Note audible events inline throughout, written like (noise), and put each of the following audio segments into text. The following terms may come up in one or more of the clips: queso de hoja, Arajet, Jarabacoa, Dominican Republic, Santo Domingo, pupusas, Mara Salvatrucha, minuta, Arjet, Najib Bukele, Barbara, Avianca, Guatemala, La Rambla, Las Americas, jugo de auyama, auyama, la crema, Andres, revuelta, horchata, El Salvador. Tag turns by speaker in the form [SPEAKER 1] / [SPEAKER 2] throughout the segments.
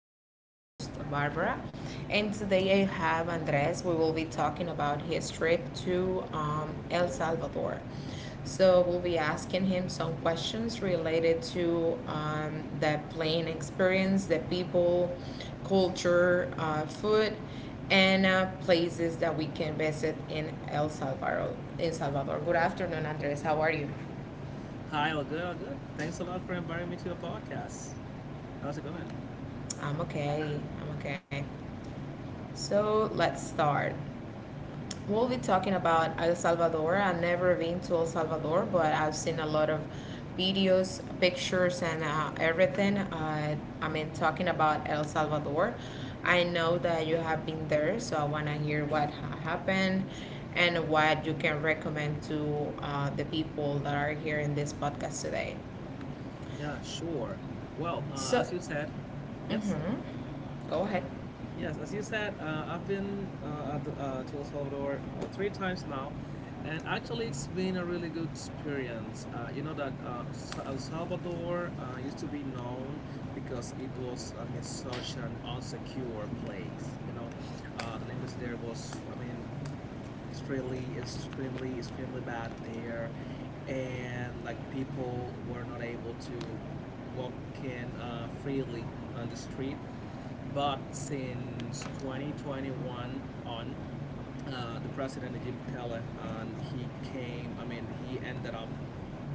[SPEAKER 1] This is your host, Barbara, and today I have Andres. We will be talking about his trip to El Salvador. So, we'll be asking him some questions related to the plane experience, the people, culture, food, and places that we can visit in El Salvador. In Salvador. Good afternoon, Andres. How are you?
[SPEAKER 2] Hi, all good, all good. Thanks a lot for inviting me to your podcast. How's it going?
[SPEAKER 1] I'm okay. I'm okay. So let's start. We'll be talking about El Salvador. I've never been to El Salvador, but I've seen a lot of videos, pictures, and everything. I mean, talking about El Salvador. I know that you have been there, so I want to hear what happened and what you can recommend to the people that are here in this podcast today.
[SPEAKER 2] Yeah, sure. Well,
[SPEAKER 1] So,
[SPEAKER 2] as you said, yes,
[SPEAKER 1] mhm. Go ahead.
[SPEAKER 2] yes, as you said, I've been at to El Salvador three times now, and actually, it's been a really good experience. You know that El Salvador used to be known because it was, I mean, such an unsecure place. You know, the language there was, I mean, extremely bad there, and like people were not able to walk in freely on the street, but since 2021 on, the president Najib Bukele, and he came, I mean, he ended up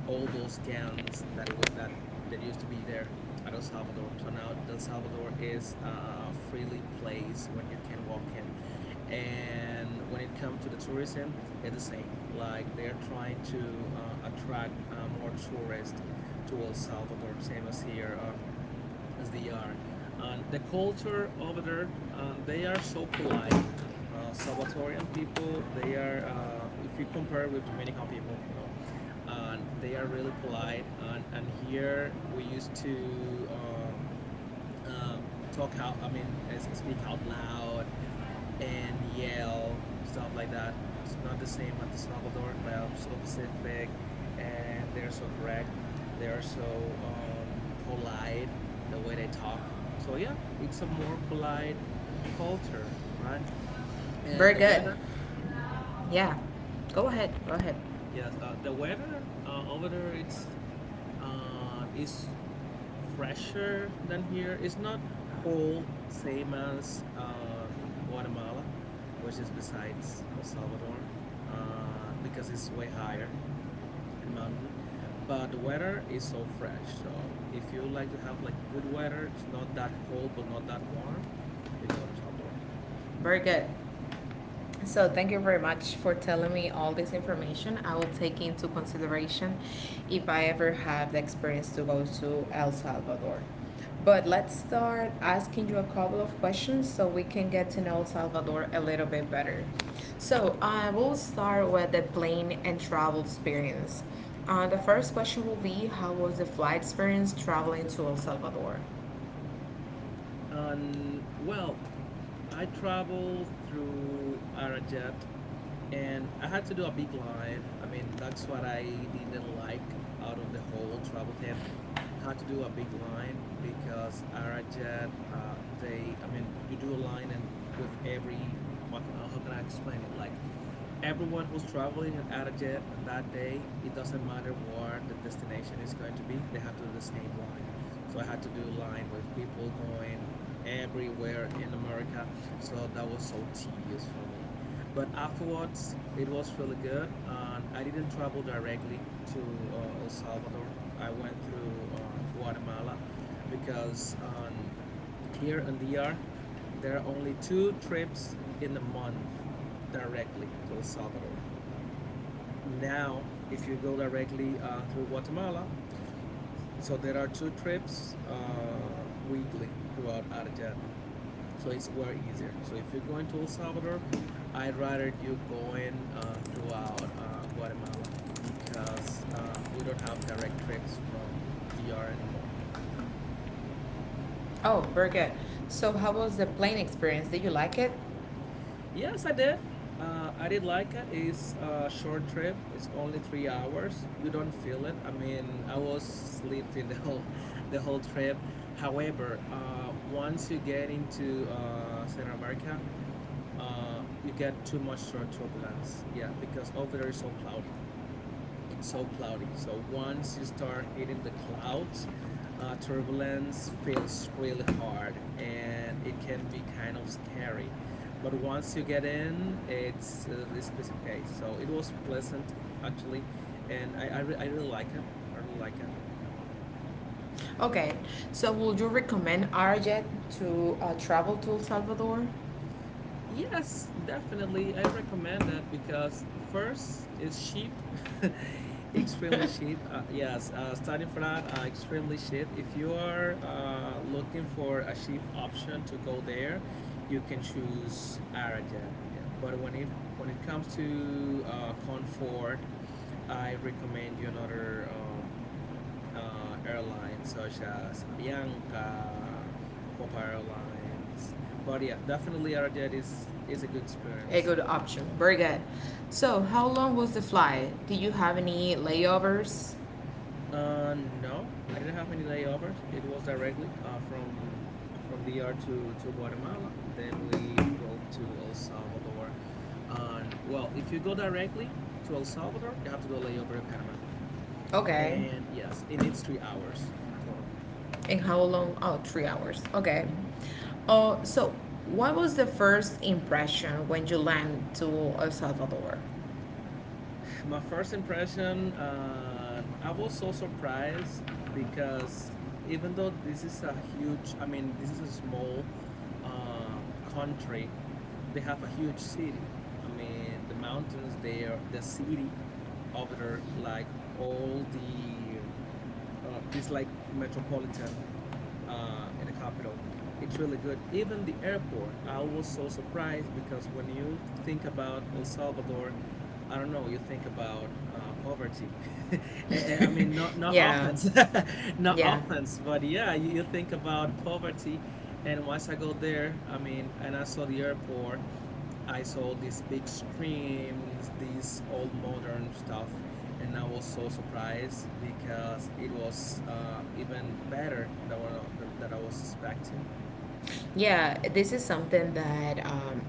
[SPEAKER 2] all those gangs that that used to be there at El Salvador. So now El Salvador is a freely place when you can walk in, and when it comes to the tourism, it's the same. Like they're trying to attract more tourists to El Salvador, same as here on as they are. And the culture over there, they are so polite. Salvatorian people, they are, if you compare with Dominican people, you know, and they are really polite. And here we used to uh, talk out, I mean, as speak out loud and yell stuff like that. It's not the same at the Salvador. Like, I'm so Pacific, and they're so correct. They are so polite the way they talk. So yeah, it's a more polite culture, right? And
[SPEAKER 1] Very
[SPEAKER 2] the
[SPEAKER 1] good.
[SPEAKER 2] weather, mhm.
[SPEAKER 1] Yeah, go ahead. Go ahead.
[SPEAKER 2] Yes, the weather over there it's is fresher than here. It's not cold, same as Guatemala, which is besides El Salvador, because it's way higher in the mountain. But the weather is so fresh. So if you like to have like good weather, it's not that cold but not that warm, you can go to El Salvador.
[SPEAKER 1] Very good. So thank you very much for telling me all this information. I will take into consideration if I ever have the experience to go to El Salvador. But let's start asking you a couple of questions so we can get to know El Salvador a little bit better. So I will start with the plane and travel experience. The first question will be: how was the flight experience traveling to El Salvador?
[SPEAKER 2] And well, I traveled through Arajet, and I had to do a big line. I mean, that's what I didn't like out of the whole travel thing. Had to do a big line because Arajet, they, I mean, you do a line and with every, how can I explain it? Like, everyone who's traveling at Arajet on that day, it doesn't matter where the destination is going to be, they have to do the same line. So I had to do line with people going everywhere in America. So that was so tedious for me. But afterwards, it was really good. And I didn't travel directly to El Salvador. I went through Guatemala because here in DR, there are only two trips in a month directly to El Salvador. Now, if you go directly through Guatemala, so there are two trips weekly throughout Arjat, so it's way easier. So if you're going to El Salvador, I'd rather you going throughout Guatemala because we don't have direct trips from DR anymore.
[SPEAKER 1] Oh, very good. So, how was the plane experience? Did you like it?
[SPEAKER 2] Yes, I did. I did like it. It's a short trip. It's only 3 hours. You don't feel it. I mean, I was sleeping (laughs) the whole trip. However, once you get into Central America, you get too much turbulence. Yeah, because over there is so cloudy. It's so cloudy. So once you start hitting the clouds, turbulence feels really hard and it can be kind of scary. But once you get in, it's a piece of cake. So it was pleasant actually, and I really like it. I really like it.
[SPEAKER 1] Okay, so would you recommend Arjet to travel to El Salvador?
[SPEAKER 2] Yes, definitely. I recommend that because first is cheap, (laughs) extremely
[SPEAKER 1] (laughs)
[SPEAKER 2] cheap. Yes, starting for that, extremely cheap. If you are looking for a cheap option to go there, you can choose Arajet. Yeah. But when it comes to comfort, I recommend you another airlines such as Avianca, Copa Airlines. But yeah, definitely Arajet is a good
[SPEAKER 1] A
[SPEAKER 2] experience.
[SPEAKER 1] good option. Very good.
[SPEAKER 2] Mhm.
[SPEAKER 1] So, how long was the flight? Did you have any layovers?
[SPEAKER 2] No, I didn't have any layovers. It was directly from DR to Guatemala. Then we drove to El Salvador. And well, if you go directly to El Salvador, you have to do a layover in Panama.
[SPEAKER 1] Okay.
[SPEAKER 2] And yes, it needs 3 hours total.
[SPEAKER 1] And how long? Oh, 3 hours. Okay.
[SPEAKER 2] Mhm.
[SPEAKER 1] Oh, so what was the first impression when you land to El Salvador?
[SPEAKER 2] My first impression, I was so surprised because even though this is a huge, I mean, this is a small country, they have a huge city. I mean, the mountains there, the city over there, like all the this like metropolitan in the capital. It's really good. Even the airport, I was so surprised because when you think about El Salvador, I don't know, you think about poverty. (laughs) Eh, I mean,
[SPEAKER 1] (laughs)
[SPEAKER 2] not
[SPEAKER 1] Yeah,
[SPEAKER 2] offense, (laughs) not
[SPEAKER 1] yeah.
[SPEAKER 2] offense, but yeah, you think about poverty. And once I go there, I mean, and I saw the airport. I saw these big screens, these old modern stuff, and I was so surprised because it was even better than that I was expecting.
[SPEAKER 1] Yeah, this is something that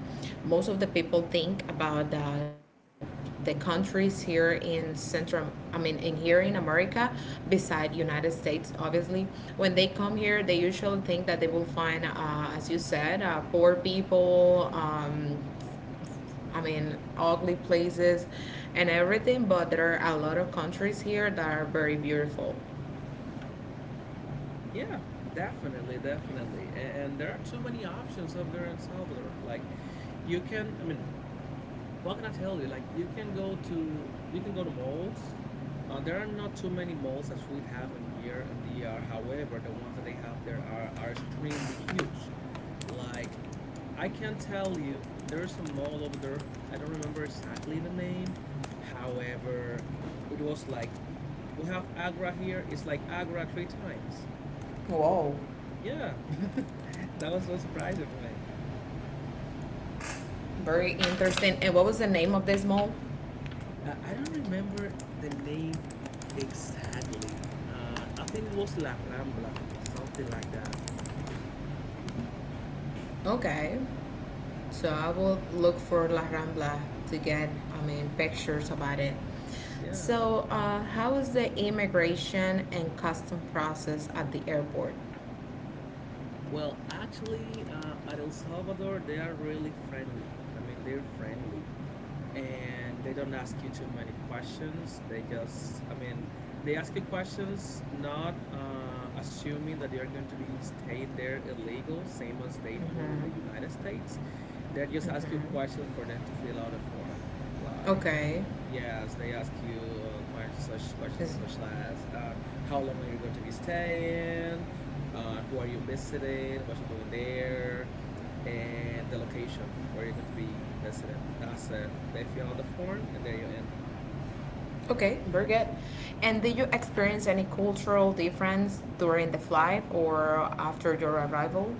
[SPEAKER 1] most of the people think about the, countries here in Central, I mean, in here in America, beside United States, obviously. When they come here, they usually think that they will find, as you said, poor people, I mean, ugly places and everything, but there are a lot of countries here that are very beautiful.
[SPEAKER 2] Yeah, definitely, definitely. And there are too many options over there in Salvador. Like, you can, I mean, what can I tell you? Like, you can go to malls. There are not too many malls as we have in here in DR. However, the ones that they have there are extremely huge. Like, I can tell you, there's a mall over there. I don't remember exactly the name. However, it was like we have Agra here. It's like Agra three times.
[SPEAKER 1] Whoa.
[SPEAKER 2] Yeah, (laughs) that was so surprising for me.
[SPEAKER 1] Very interesting. And what was the name of this mall?
[SPEAKER 2] I don't remember the name exactly. I think it was La Rambla, something like that.
[SPEAKER 1] Okay. So I will look for La Rambla to get, I mean, pictures about it.
[SPEAKER 2] Yeah.
[SPEAKER 1] So, how is the immigration and custom process at the airport?
[SPEAKER 2] Well, actually, at El Salvador, they are really friendly. I mean, they're friendly, and they don't ask you too many questions. They just, I mean, they ask you questions not assuming that you're going to be staying there illegal, same as they do in the
[SPEAKER 1] Mm-hmm.
[SPEAKER 2] United States. They just ask you
[SPEAKER 1] Mm-hmm.
[SPEAKER 2] questions for them to fill out a form. Like,
[SPEAKER 1] Okay.
[SPEAKER 2] yes, they ask you such questions
[SPEAKER 1] Is-
[SPEAKER 2] such as how long are you going to be staying, who are you visiting, what you're doing there, and the location where you're going to be visiting. That's it. They fill out the form and there you're in.
[SPEAKER 1] okay, very good. And did you experience any cultural difference during the flight or after your arrival?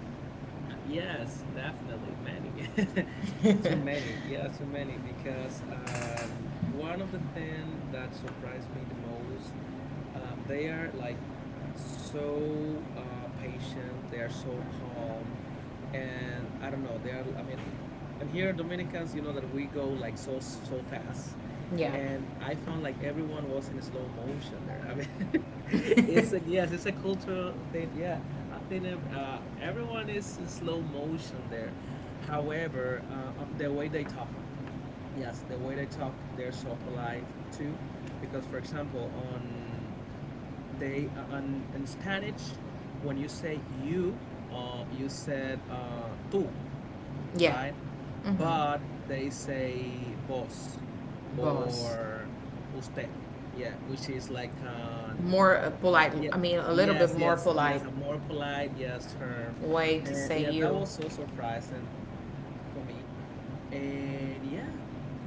[SPEAKER 2] Yes, definitely. Many. (laughs) Too
[SPEAKER 1] (laughs)
[SPEAKER 2] many. Yeah, too many. Because one of the things that surprised me the most, they are like so patient, they are so calm. And I don't know, they are, I mean, and here Dominicans, you know that we go like so fast,
[SPEAKER 1] Yeah.
[SPEAKER 2] and I found like everyone was in slow motion there. I mean, (laughs) it's like
[SPEAKER 1] (laughs)
[SPEAKER 2] yes, it's a cultural thing. Yeah, I think everyone is in slow motion there. However, the way they talk, yes, the way they talk, they're so polite too, because for example, on they on in Spanish, when you say you, you said tú,
[SPEAKER 1] Yeah.
[SPEAKER 2] right?
[SPEAKER 1] Mm-hmm.
[SPEAKER 2] But they say boss
[SPEAKER 1] Boss.
[SPEAKER 2] or usted, yeah, which is like an
[SPEAKER 1] More polite.
[SPEAKER 2] yeah,
[SPEAKER 1] I mean, a little bit more
[SPEAKER 2] yes,
[SPEAKER 1] polite
[SPEAKER 2] a more polite yes term,
[SPEAKER 1] way to
[SPEAKER 2] and
[SPEAKER 1] say
[SPEAKER 2] yes, that
[SPEAKER 1] you.
[SPEAKER 2] was so surprising for me. And yeah,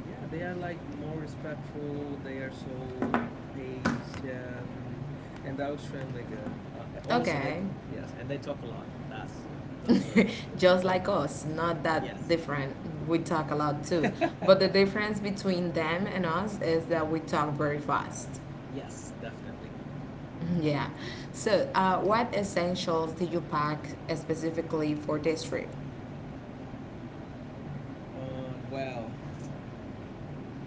[SPEAKER 2] yeah, they are like more respectful. They are so patient, and they're extremely good. Also, they
[SPEAKER 1] Okay,
[SPEAKER 2] yes, and they talk a lot. That's another thing. They
[SPEAKER 1] (laughs)
[SPEAKER 2] talk
[SPEAKER 1] just
[SPEAKER 2] a lot.
[SPEAKER 1] like us, not that
[SPEAKER 2] Yes.
[SPEAKER 1] different. We talk a lot too, but the
[SPEAKER 2] (laughs)
[SPEAKER 1] difference between them and us is that we talk very fast.
[SPEAKER 2] Yes, definitely.
[SPEAKER 1] (laughs) Yeah. So, what essentials did you pack specifically for this trip?
[SPEAKER 2] Well,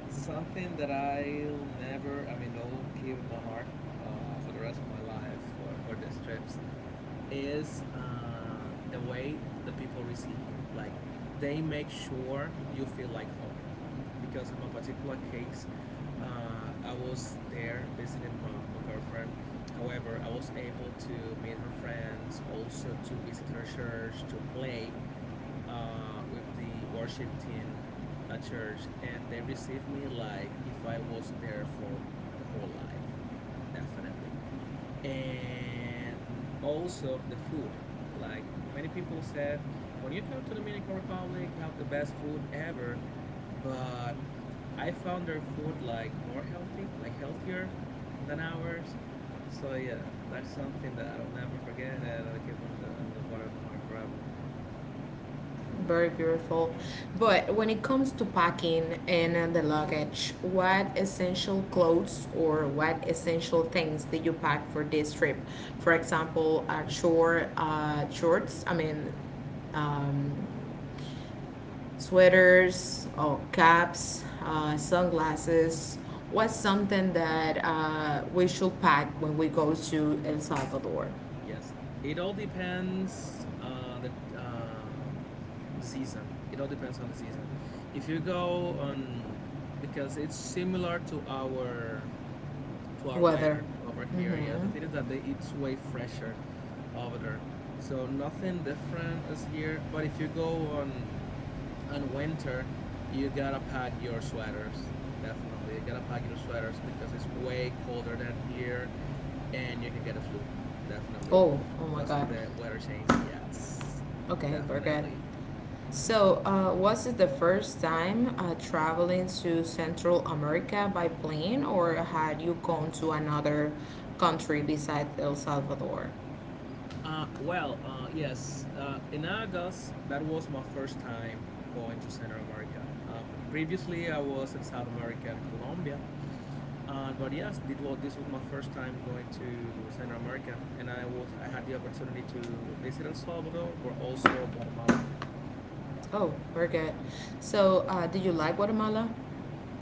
[SPEAKER 2] something that I'll never, I mean, I'll keep in my heart for the rest of my life or for these trips is the way the people receive you. Like, they make sure you feel like home. Because in my particular case, I was there visiting my girlfriend. However, I was able to meet her friends, also to visit her church, to play with the worship team at church, and they received me like if I was there for the whole life, definitely. And also the food. Like many people said, when you come to Dominican Republic, you have the best food ever, but I found their food like more healthy, like healthier than ours. So yeah, that's something that I'll never forget, and I'll keep on the bottom of my heart forever.
[SPEAKER 1] Very beautiful. But when it comes to packing and the luggage, what essential clothes or what essential things did you pack for this trip? For example, short shorts. I mean, um, sweaters or caps, sunglasses. What's something that we should pack when we go to El Salvador?
[SPEAKER 2] Yes, it all depends on um, the season. It all depends on the season. If you go on because it's similar to our
[SPEAKER 1] Weather.
[SPEAKER 2] weather over here. Yeah, the
[SPEAKER 1] Mm-hmm.
[SPEAKER 2] thing is that they, it's way fresher over there. So nothing different is here. But if you go on and winter, you gotta pack your sweaters. Definitely, you gotta pack your sweaters because it's way colder than here, and you can get a flu. Definitely,
[SPEAKER 1] Oh, oh my
[SPEAKER 2] because
[SPEAKER 1] God.
[SPEAKER 2] of the weather change. Yes,
[SPEAKER 1] Okay, we're good.
[SPEAKER 2] definitely. Mhm.
[SPEAKER 1] So, was it the first time traveling to Central America by plane, or had you gone to another country besides El Salvador?
[SPEAKER 2] Well, yes. In August, that was my first time going to Central America. Previously, I was in South America and Colombia. But yes, this was my first time going to Central America, and I had the opportunity to visit El Salvador, but also Guatemala.
[SPEAKER 1] Oh, very good. So, did you like Guatemala?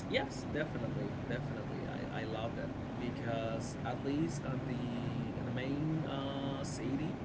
[SPEAKER 2] Yes, definitely, definitely. I love that because at least on the in the main city,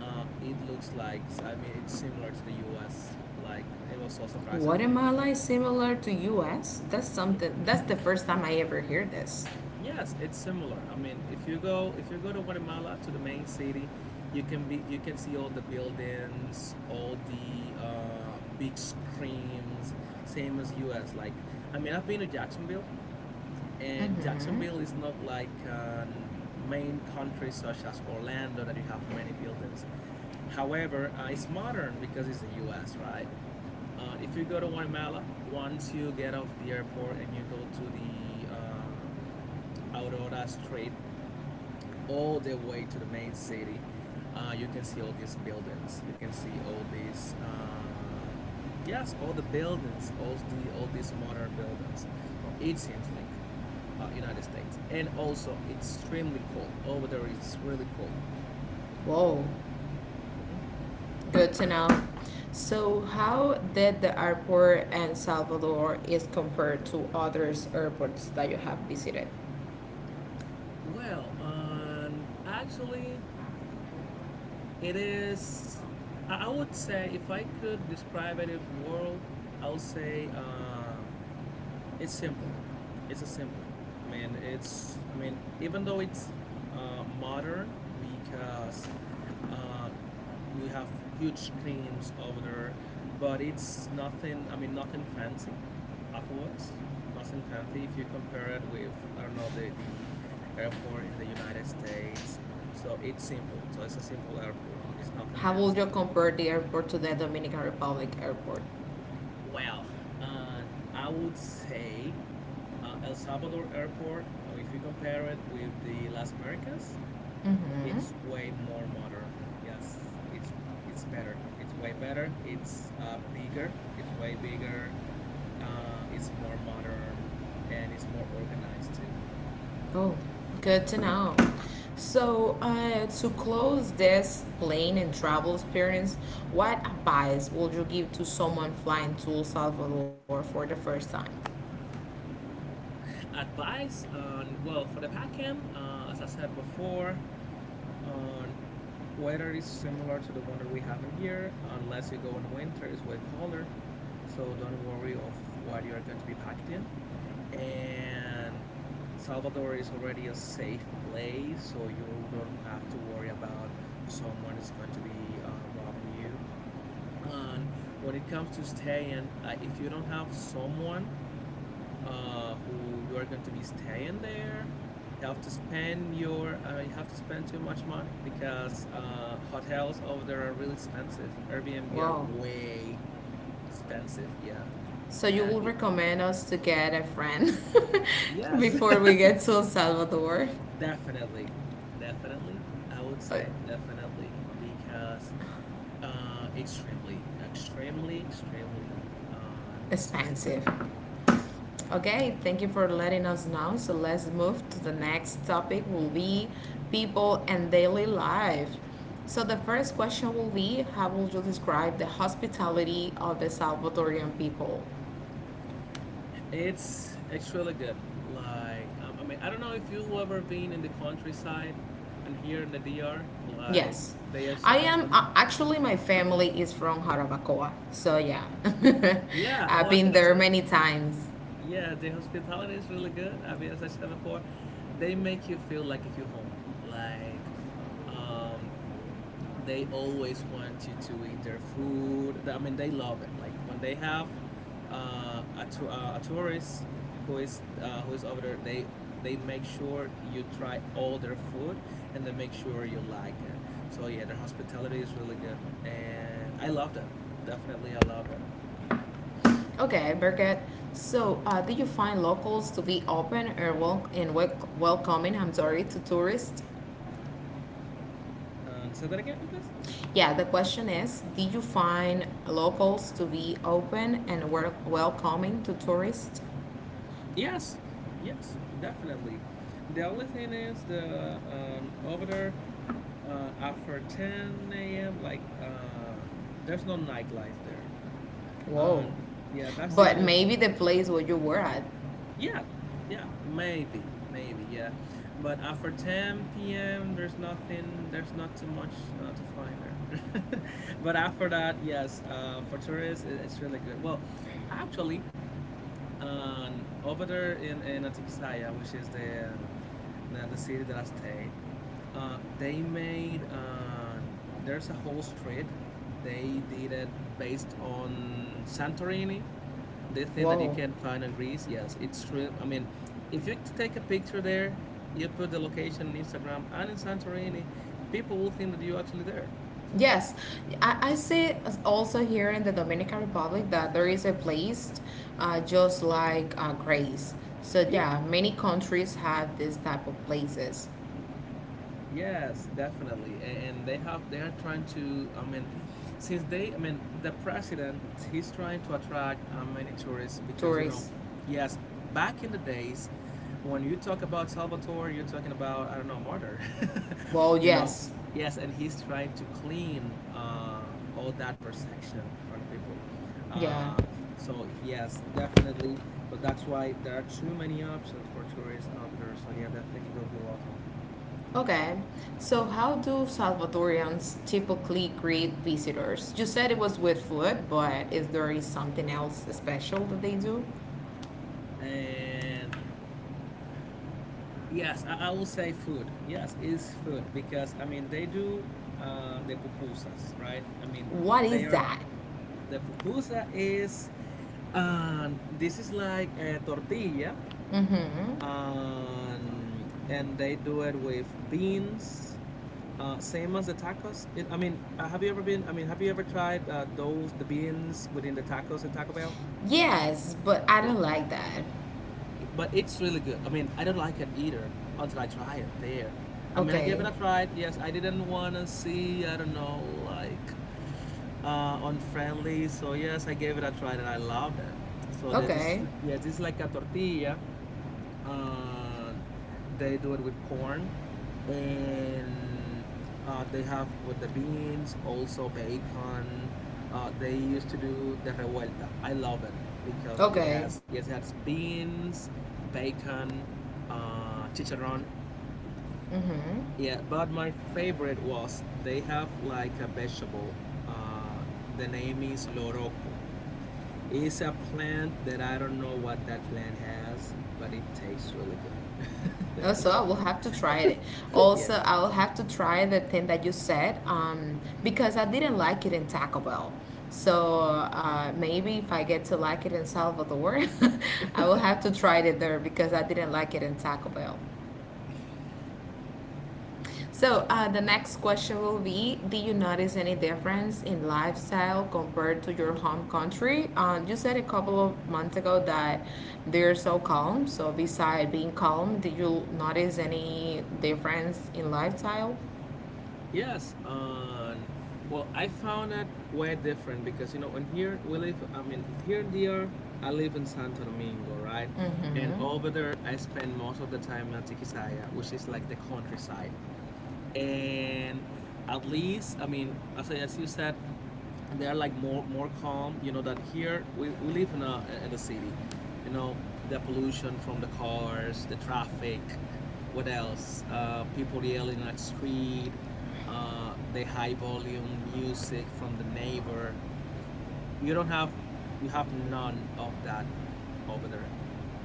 [SPEAKER 2] it looks like, I mean, it's similar to the U.S. Like, it was so surprising for me.
[SPEAKER 1] Guatemala is similar to U.S. That's
[SPEAKER 2] Yeah.
[SPEAKER 1] something. That's the first time I ever hear this.
[SPEAKER 2] Yes, it's similar. I mean, if you go to Guatemala to the main city, you can see all the buildings, all the big screens, same as US. Like, I mean, I've been to Jacksonville, and Jacksonville
[SPEAKER 1] Mm-hmm.
[SPEAKER 2] is not like main countries such as Orlando that you have many buildings. However, it's modern because it's the US, right? If you go to Guatemala, once you get off the airport and you go to the Aurora Street, all the way to the main city. You can see all these buildings. You can see all these, yes, all the buildings, all these modern buildings. So it seems like United States, and also it's extremely cold over there. It's really cold.
[SPEAKER 1] Whoa,
[SPEAKER 2] hmm
[SPEAKER 1] good to know. So, how did the airport in Salvador is compared to others airports that you have visited?
[SPEAKER 2] Well, actually, it is. I would say if I could describe it in the world, I would say. It's simple, it's a simple I mean, it's I mean, even though it's modern, because uh, we have huge screens over there, but it's nothing, nothing fancy afterwards, nothing fancy if you compare it with, I don't know, the airport in the United States. So it's simple, so it's a simple airport, it's nothing
[SPEAKER 1] How would
[SPEAKER 2] fancy.
[SPEAKER 1] you compare the airport to the Dominican Republic airport?
[SPEAKER 2] Well, uh, I would say El Salvador airport, if you compare it with the Las Americas,
[SPEAKER 1] Mm-hmm.
[SPEAKER 2] it's way more modern. Yes, it's better. It's way better. It's bigger. It's way bigger. It's more modern, and it's more organized too.
[SPEAKER 1] Oh, good to know.
[SPEAKER 2] Mm-hmm.
[SPEAKER 1] So, to close this plane and travel experience, what advice would you give to someone flying to El Salvador for the first time?
[SPEAKER 2] Advice on, well, for the backend, as I said before, on weather is similar to the one that we have in here, unless you go in winter, it's way colder. So don't worry of what you are going to be packing. And Salvador is already a safe place, so you don't have to worry about someone is going to be robbing you. And when it comes to staying, if you don't have someone who you are going to be staying there, you have to spend your I mean, you have to spend too much money because hotels over there are really expensive. Airbnb are
[SPEAKER 1] Wow.
[SPEAKER 2] way expensive. Yeah,
[SPEAKER 1] So, you
[SPEAKER 2] uh,
[SPEAKER 1] will
[SPEAKER 2] it,
[SPEAKER 1] recommend us to get a friend (laughs)
[SPEAKER 2] yes.
[SPEAKER 1] before
[SPEAKER 2] (laughs)
[SPEAKER 1] we get to El Salvador?
[SPEAKER 2] Definitely, definitely. I would
[SPEAKER 1] Uh,
[SPEAKER 2] say definitely because extremely, extremely, extremely expensive.
[SPEAKER 1] expensive.
[SPEAKER 2] Yes,
[SPEAKER 1] Okay, thank you for letting us know. So let's move to the next topic will be people and daily life. So the first question will be: how would you describe the hospitality of the Salvadorian people?
[SPEAKER 2] it's actually good. Like, I mean, I don't know if you've ever been in the countryside, and here in the DR, like
[SPEAKER 1] Yes.
[SPEAKER 2] they are
[SPEAKER 1] I
[SPEAKER 2] so
[SPEAKER 1] am
[SPEAKER 2] attentive.
[SPEAKER 1] actually my family is from Jarabacoa. So yeah. (laughs)
[SPEAKER 2] Yeah,
[SPEAKER 1] I've
[SPEAKER 2] what
[SPEAKER 1] been
[SPEAKER 2] can I
[SPEAKER 1] there
[SPEAKER 2] say?
[SPEAKER 1] many times.
[SPEAKER 2] Yeah, the hospitality is really good. I mean, as I said before, they make you feel like if you're home. Like, um, they always want you to eat their food. I mean, they love it. Like when they have a tourist who is over there, they make sure you try all their food, and they make sure you like it. So yeah, their hospitality is really good, and I love that. Definitely, I love that.
[SPEAKER 1] Okay, Birgit. So, do you find locals to be open or welcoming? I'm sorry, to tourists.
[SPEAKER 2] And say that again, please.
[SPEAKER 1] Yeah, the question is: did you find locals to be open and were welcoming to tourists?
[SPEAKER 2] Yes, yes, definitely. The only thing is that over there after 10 a.m., like there's no nightlife there,
[SPEAKER 1] Whoa.
[SPEAKER 2] and yeah, that's the
[SPEAKER 1] But
[SPEAKER 2] only
[SPEAKER 1] maybe
[SPEAKER 2] thing.
[SPEAKER 1] the place where you were at.
[SPEAKER 2] Yeah, yeah, maybe, maybe, yeah, but after 10 p.m., there's nothing, there's not too much to find there. (laughs) But after that, yes, for tourists, it's really good. Well, actually, over there in Atikisaya, which is the the city that I stayed. They made There's a whole street. They did it based on Santorini. The thing that you
[SPEAKER 1] Whoa.
[SPEAKER 2] can find in Greece. Yes, it's true. I mean, if you take a picture there, you put the location on Instagram and in Santorini, people will think that you're actually there.
[SPEAKER 1] Yes, I see also here in the Dominican Republic that there is a place just like Grace. So,
[SPEAKER 2] Yeah,
[SPEAKER 1] yeah, many countries have this type of places.
[SPEAKER 2] yes, definitely. And they have, they are trying to, I mean, I mean, the president, he's trying to attract many tourists because, you know,
[SPEAKER 1] Tourists.
[SPEAKER 2] yes, back in the days when you talk about Salvatore, you're talking about, I don't know, murder. (laughs)
[SPEAKER 1] Well,
[SPEAKER 2] You know,
[SPEAKER 1] yes.
[SPEAKER 2] yes, and he's trying to clean all that perception from the people.
[SPEAKER 1] Yeah.
[SPEAKER 2] Uh, so yes, definitely. So that's why there are too many options for tourists over there. So yeah, definitely they'll feel welcome.
[SPEAKER 1] Okay, so how do Salvadorians typically greet visitors? You said it was with food, but is there is something else special that they do?
[SPEAKER 2] And yes, I will say food. Yes, it's food because I mean they do the pupusas, right? I mean
[SPEAKER 1] What is
[SPEAKER 2] they are
[SPEAKER 1] that?
[SPEAKER 2] the pupusa is, this is like a tortilla,
[SPEAKER 1] Mm-hmm.
[SPEAKER 2] and they do it with beans, same as the tacos. It, I mean have you ever been I mean, have you ever tried those the beans within the tacos in Taco Bell?
[SPEAKER 1] Yes, but I
[SPEAKER 2] Yeah,
[SPEAKER 1] don't like that.
[SPEAKER 2] but it's really good. I mean, I don't like it either until I try it there. I mean, I
[SPEAKER 1] Okay,
[SPEAKER 2] gave it a try. Yes, I didn't wanna see, I don't know, like unfriendly. So yes, I gave it a try and I loved it. So that
[SPEAKER 1] okay,
[SPEAKER 2] is, yeah, this is like a tortilla. Uh, they do it with corn, and they have with the beans, also bacon. They used to do the revuelta. I love it because it
[SPEAKER 1] okay.
[SPEAKER 2] has, yes, it has beans, bacon, chicharron.
[SPEAKER 1] Mm-hmm.
[SPEAKER 2] Yeah, but my favorite was they have like a vegetable. Uh, the name is loroco. It's a plant that I don't know what that plant has, but it tastes really good.
[SPEAKER 1] Also, I
[SPEAKER 2] (laughs)
[SPEAKER 1] will have to try it.
[SPEAKER 2] Yeah.
[SPEAKER 1] Also, I will have to try the thing that you said because I didn't like it in Taco Bell. So maybe if I get to like it in Salvador, (laughs) I will have to try it there because I didn't like it in Taco Bell. So the next question will be: do you notice any difference in lifestyle compared to your home country? You said a couple of months ago that they're so calm. So, beside being calm, did you notice any difference in lifestyle?
[SPEAKER 2] Yes. Well, I found that way different because, you know, in here we live, I mean, here in DR, I live in Santo Domingo, right? And
[SPEAKER 1] Mm-hmm.
[SPEAKER 2] over there, I spend most of the time in Tikisaya, which is like the countryside. And at least, as you said, they are like more calm. You know that here we live in a, in the city, you know, the pollution from the cars, the traffic, what else, people yelling at street, the high volume music from the neighbor. You don't have, you have none of that over there,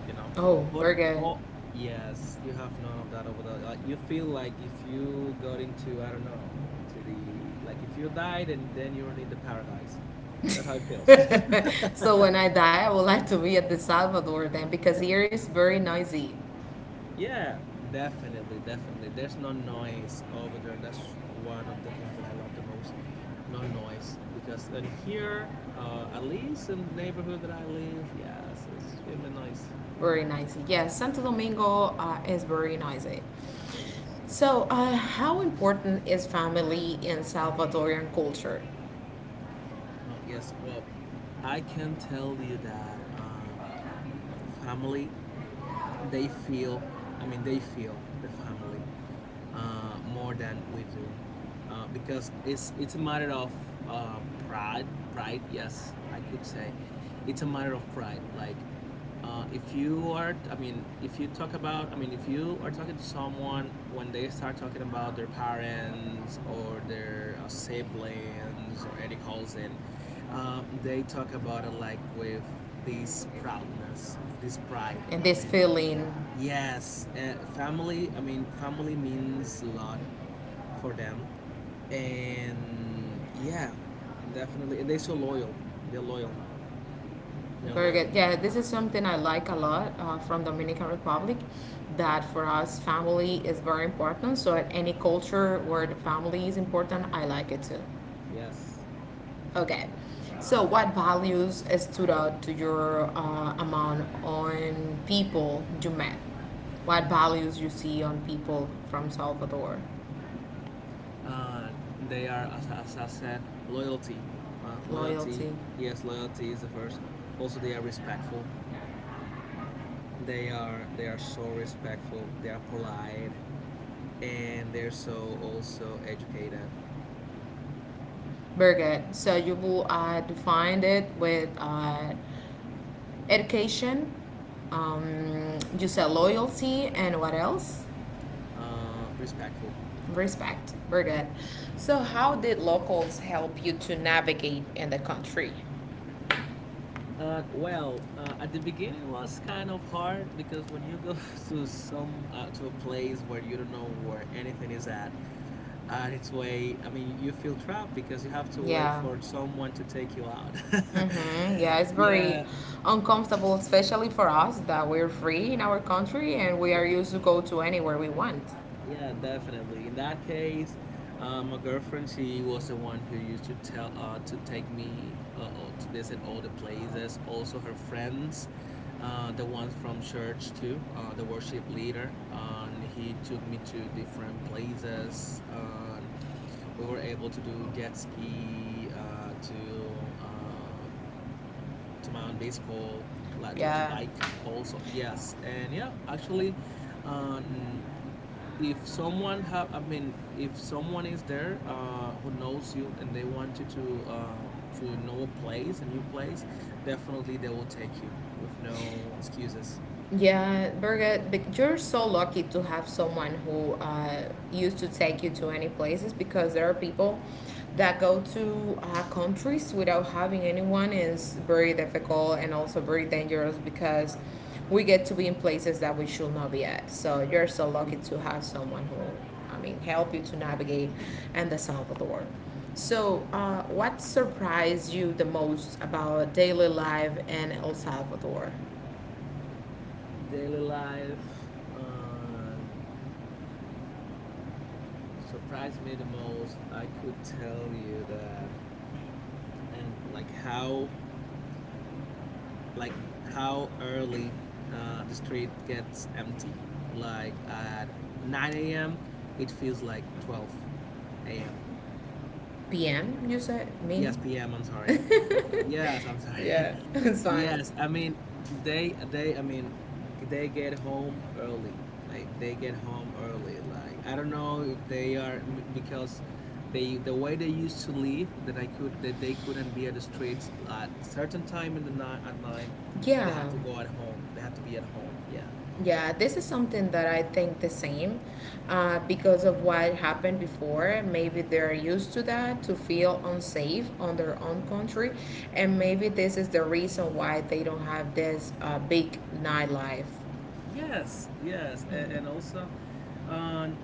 [SPEAKER 2] you know.
[SPEAKER 1] Oh,
[SPEAKER 2] but
[SPEAKER 1] burger.
[SPEAKER 2] oh yes, you have none of that over there. Like you feel like if you got into, I don't know, into the like if you died and then you're in the paradise.
[SPEAKER 1] (laughs)
[SPEAKER 2] That's how it feels.
[SPEAKER 1] So when I die, I would like to be at the Salvador then, because here is very noisy,
[SPEAKER 2] (laughs) Yeah, definitely, definitely. There's no noise over there. That's one of the things that I love the most. No noise, because in here, at least in the neighborhood that I live, yes, it's really noisy.
[SPEAKER 1] very noisy. Yes, Santo Domingo is very noisy.
[SPEAKER 2] It is.
[SPEAKER 1] So, how important is family in Salvadorian culture?
[SPEAKER 2] Oh yes. Well, I can tell you that family, they feel, I mean, they feel the family more than we do, because it's a matter of pride. Pride, yes, I could say. It's a matter of pride. Like, if you are I mean, if you talk about I mean, if you are talking to someone, when they start talking about their parents or their siblings or any cousin, they talk about it like with this proudness, this pride.
[SPEAKER 1] And this
[SPEAKER 2] Amen.
[SPEAKER 1] feeling,
[SPEAKER 2] Yes, I mean, family means a lot for them. And yeah, definitely. And they're so loyal. They're loyal. They're
[SPEAKER 1] very
[SPEAKER 2] loyal.
[SPEAKER 1] good. Yeah, this is something I like a lot from Dominican Republic. That for us, family is very important. So, at any culture where the family is important, I like it too.
[SPEAKER 2] Yes.
[SPEAKER 1] Okay. So, what values stood out to your amount on people you met? What values you see on people from Salvador?
[SPEAKER 2] Uh, they are, as I said, loyalty. Loyalty.
[SPEAKER 1] Loyalty.
[SPEAKER 2] Yes, loyalty is the first. Also, they are respectful. They are so respectful. They are polite, and they're so also educated.
[SPEAKER 1] Very good. So you will define it with education. You said loyalty and what else?
[SPEAKER 2] Respectful, respectful.
[SPEAKER 1] Respect. Very
[SPEAKER 2] Mm-hmm.
[SPEAKER 1] good. So, how did locals help you to navigate in the country?
[SPEAKER 2] Well, at the beginning it was kind of hard because when you go (laughs) to some to a place where you don't know where anything is at, and it's way, I mean, you feel trapped because you have to wait
[SPEAKER 1] Yeah.
[SPEAKER 2] for someone to take you out.
[SPEAKER 1] Mm-hmm. Yeah, it's
[SPEAKER 2] (laughs)
[SPEAKER 1] very
[SPEAKER 2] Yeah,
[SPEAKER 1] uncomfortable, especially for us that we're free in our country and we are
[SPEAKER 2] yeah.
[SPEAKER 1] used to go to anywhere we want.
[SPEAKER 2] Yeah, definitely. In that case, my girlfriend, she was the one who used to tell to take me to visit all the places. Also, her friends, the ones from church too, the worship leader, and he took me to different places. We were able to do jet ski, to mount bicycle, like to
[SPEAKER 1] Yeah.
[SPEAKER 2] bike also. Yes, and yeah, actually, um, if someone have I mean if someone is there, who knows you, and they want you to, to know a new place, definitely they will take you with no excuses.
[SPEAKER 1] Yeah, Birgit, but you're so lucky to have someone who used to take you to any places because there are people that go to countries without having anyone is very difficult and also very dangerous because we get to be in places that we should not be at. So you're so lucky to have someone who, I mean, help you to navigate and the Salvador. So, what surprised you the most about daily life in El Salvador?
[SPEAKER 2] Daily life, um surprised me the most. I could tell you that. And like how early the street gets empty, like at 9 a.m., it feels like 12 a.m.
[SPEAKER 1] p.m., you said? Mean?
[SPEAKER 2] Yes, p.m., I'm sorry.
[SPEAKER 1] (laughs)
[SPEAKER 2] Yes, I'm sorry. (laughs)
[SPEAKER 1] Yeah, (laughs) it's fine.
[SPEAKER 2] Yes, I mean, they I mean g- they get home early. Like they get home early. Like I don't know if they are because the way they used to leave, that they couldn't be at the streets at certain time in the night at night. They had
[SPEAKER 1] Yeah,
[SPEAKER 2] to go at home. They had to be at home. Yeah.
[SPEAKER 1] yeah, this is something that I think the same because of what happened before. Maybe they're used to that, to feel unsafe on their own country. And
[SPEAKER 2] Mhm.
[SPEAKER 1] maybe this is the reason why they don't have this big nightlife.
[SPEAKER 2] Yes, yes, and
[SPEAKER 1] Mm.
[SPEAKER 2] also, um,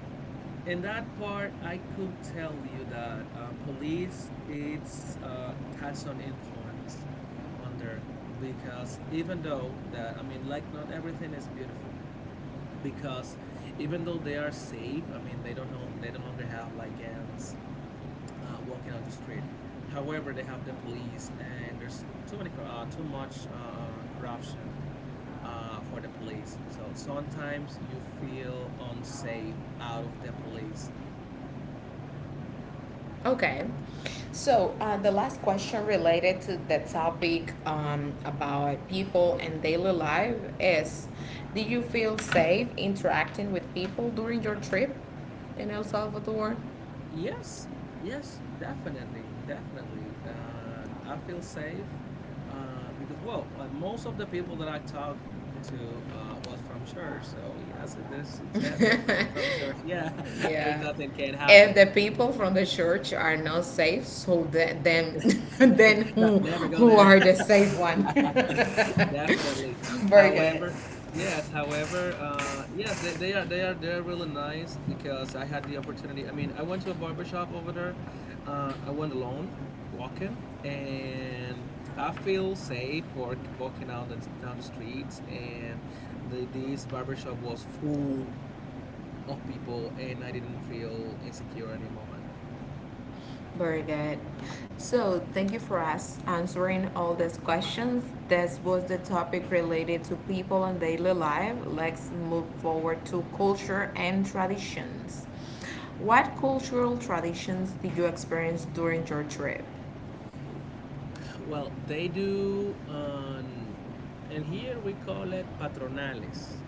[SPEAKER 2] in that part, I could tell you that, police, it's has some influence on there, because even though that, I mean, like not everything is beautiful, because even though they are safe, I mean they don't longer have like gangs walking on the street. However, they have the police, and there's too much corruption for the police. So sometimes you feel unsafe out of the police.
[SPEAKER 1] Okay.
[SPEAKER 2] Mhm.
[SPEAKER 1] So the last question related to the topic about people and daily life is: do you feel safe interacting with people during your trip in El Salvador?
[SPEAKER 2] Yes, yes, definitely, definitely. And I feel safe, because, well, most of the people that I talked to, was from church. So, yes, they're coming
[SPEAKER 1] (laughs)
[SPEAKER 2] from church. Yeah, (laughs) there's
[SPEAKER 1] Yeah.
[SPEAKER 2] nothing can
[SPEAKER 1] If
[SPEAKER 2] happen.
[SPEAKER 1] the people from the church are not safe, so then (laughs) then
[SPEAKER 2] (laughs)
[SPEAKER 1] who
[SPEAKER 2] never go
[SPEAKER 1] who
[SPEAKER 2] there.
[SPEAKER 1] are the safe one?
[SPEAKER 2] (laughs) (laughs) Definitely.
[SPEAKER 1] (laughs) Very good.
[SPEAKER 2] However, yes, however, yes, they're really nice, because I had the opportunity. I mean, I went to a barber shop over there. I went alone, walking, and I feel safe for walking out and down the streets. And this barber shop was full of people, and I didn't feel insecure any moment.
[SPEAKER 1] Very good. So, thank you for us answering all these questions. This was the topic related to people and daily life. Let's move forward to culture and traditions. What cultural traditions did you experience during your trip?
[SPEAKER 2] Well, they do, and here we call it patronales.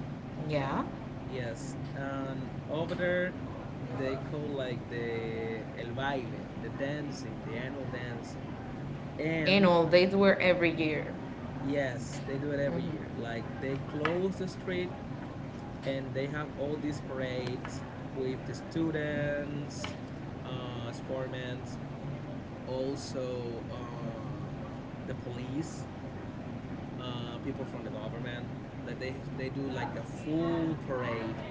[SPEAKER 1] Yeah.
[SPEAKER 2] Yes, and over there they call like the el baile, the dancing, the annual dancing. And
[SPEAKER 1] Annual dates were every year.
[SPEAKER 2] yes, they do it every year. Like they close the street, and they have all these parades with the students, sportmen, also, the police, people from the government. That they do like a full parade.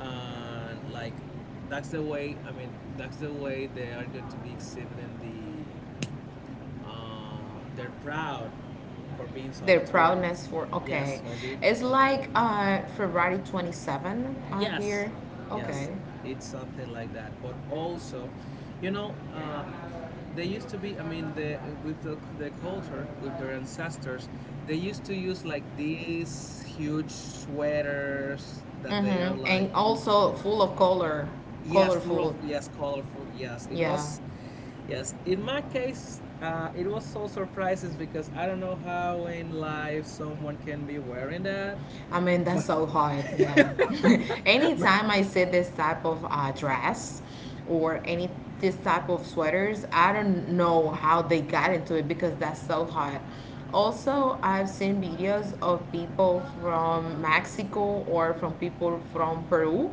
[SPEAKER 2] And like, that's the way they are going to be exhibiting they're proud for being
[SPEAKER 1] Their
[SPEAKER 2] salvatorians.
[SPEAKER 1] proudness for
[SPEAKER 2] Yes,
[SPEAKER 1] okay.
[SPEAKER 2] for being
[SPEAKER 1] It's like
[SPEAKER 2] salvatorians.
[SPEAKER 1] February 27
[SPEAKER 2] Yes,
[SPEAKER 1] here.
[SPEAKER 2] yes,
[SPEAKER 1] Okay.
[SPEAKER 2] it's something like that, but also, you know uh they used to be, I mean, the with the culture, with their ancestors. They used to use like these huge sweaters that they are
[SPEAKER 1] Mm-hmm.
[SPEAKER 2] like.
[SPEAKER 1] And also full of color,
[SPEAKER 2] Yes, full of
[SPEAKER 1] colorful.
[SPEAKER 2] yes, colorful. Yes, it
[SPEAKER 1] Yeah.
[SPEAKER 2] was. Yes, in my case, it was so surprises, because I don't know how in life someone can be wearing that.
[SPEAKER 1] I mean, that's
[SPEAKER 2] But
[SPEAKER 1] so hard. Yeah. (laughs) Anytime I see this type of dress or any this type of sweaters, I don't know how they got into it because that's so hard. Also, I've seen videos of people from Mexico or from people from Peru,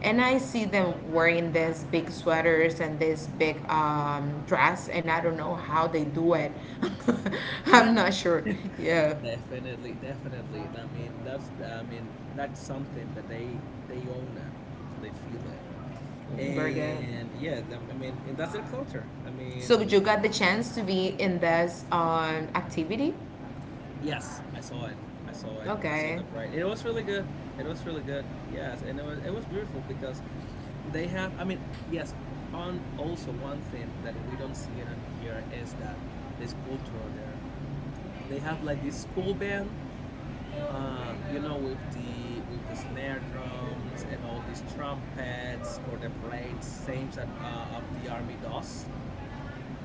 [SPEAKER 1] and I see them wearing these big sweaters and this big dress, and I don't know how they do it. (laughs) I'm
[SPEAKER 2] yeah,
[SPEAKER 1] not sure. Yeah,
[SPEAKER 2] definitely, definitely. I mean, that's something that they own it, they feel it.
[SPEAKER 1] very good.
[SPEAKER 2] And yeah, and that's their culture, I
[SPEAKER 1] So
[SPEAKER 2] mean.
[SPEAKER 1] you got the chance to be in this activity?
[SPEAKER 2] Yes, I saw it. I saw it. I saw
[SPEAKER 1] Okay.
[SPEAKER 2] the parade. It was really good. It was really good. Yes, and it was beautiful, because they have. I mean, yes. On also one thing that we don't see it on here is that this culture there. They have like this school band, with the snare drums and all these trumpets for the parade, same as of the army does,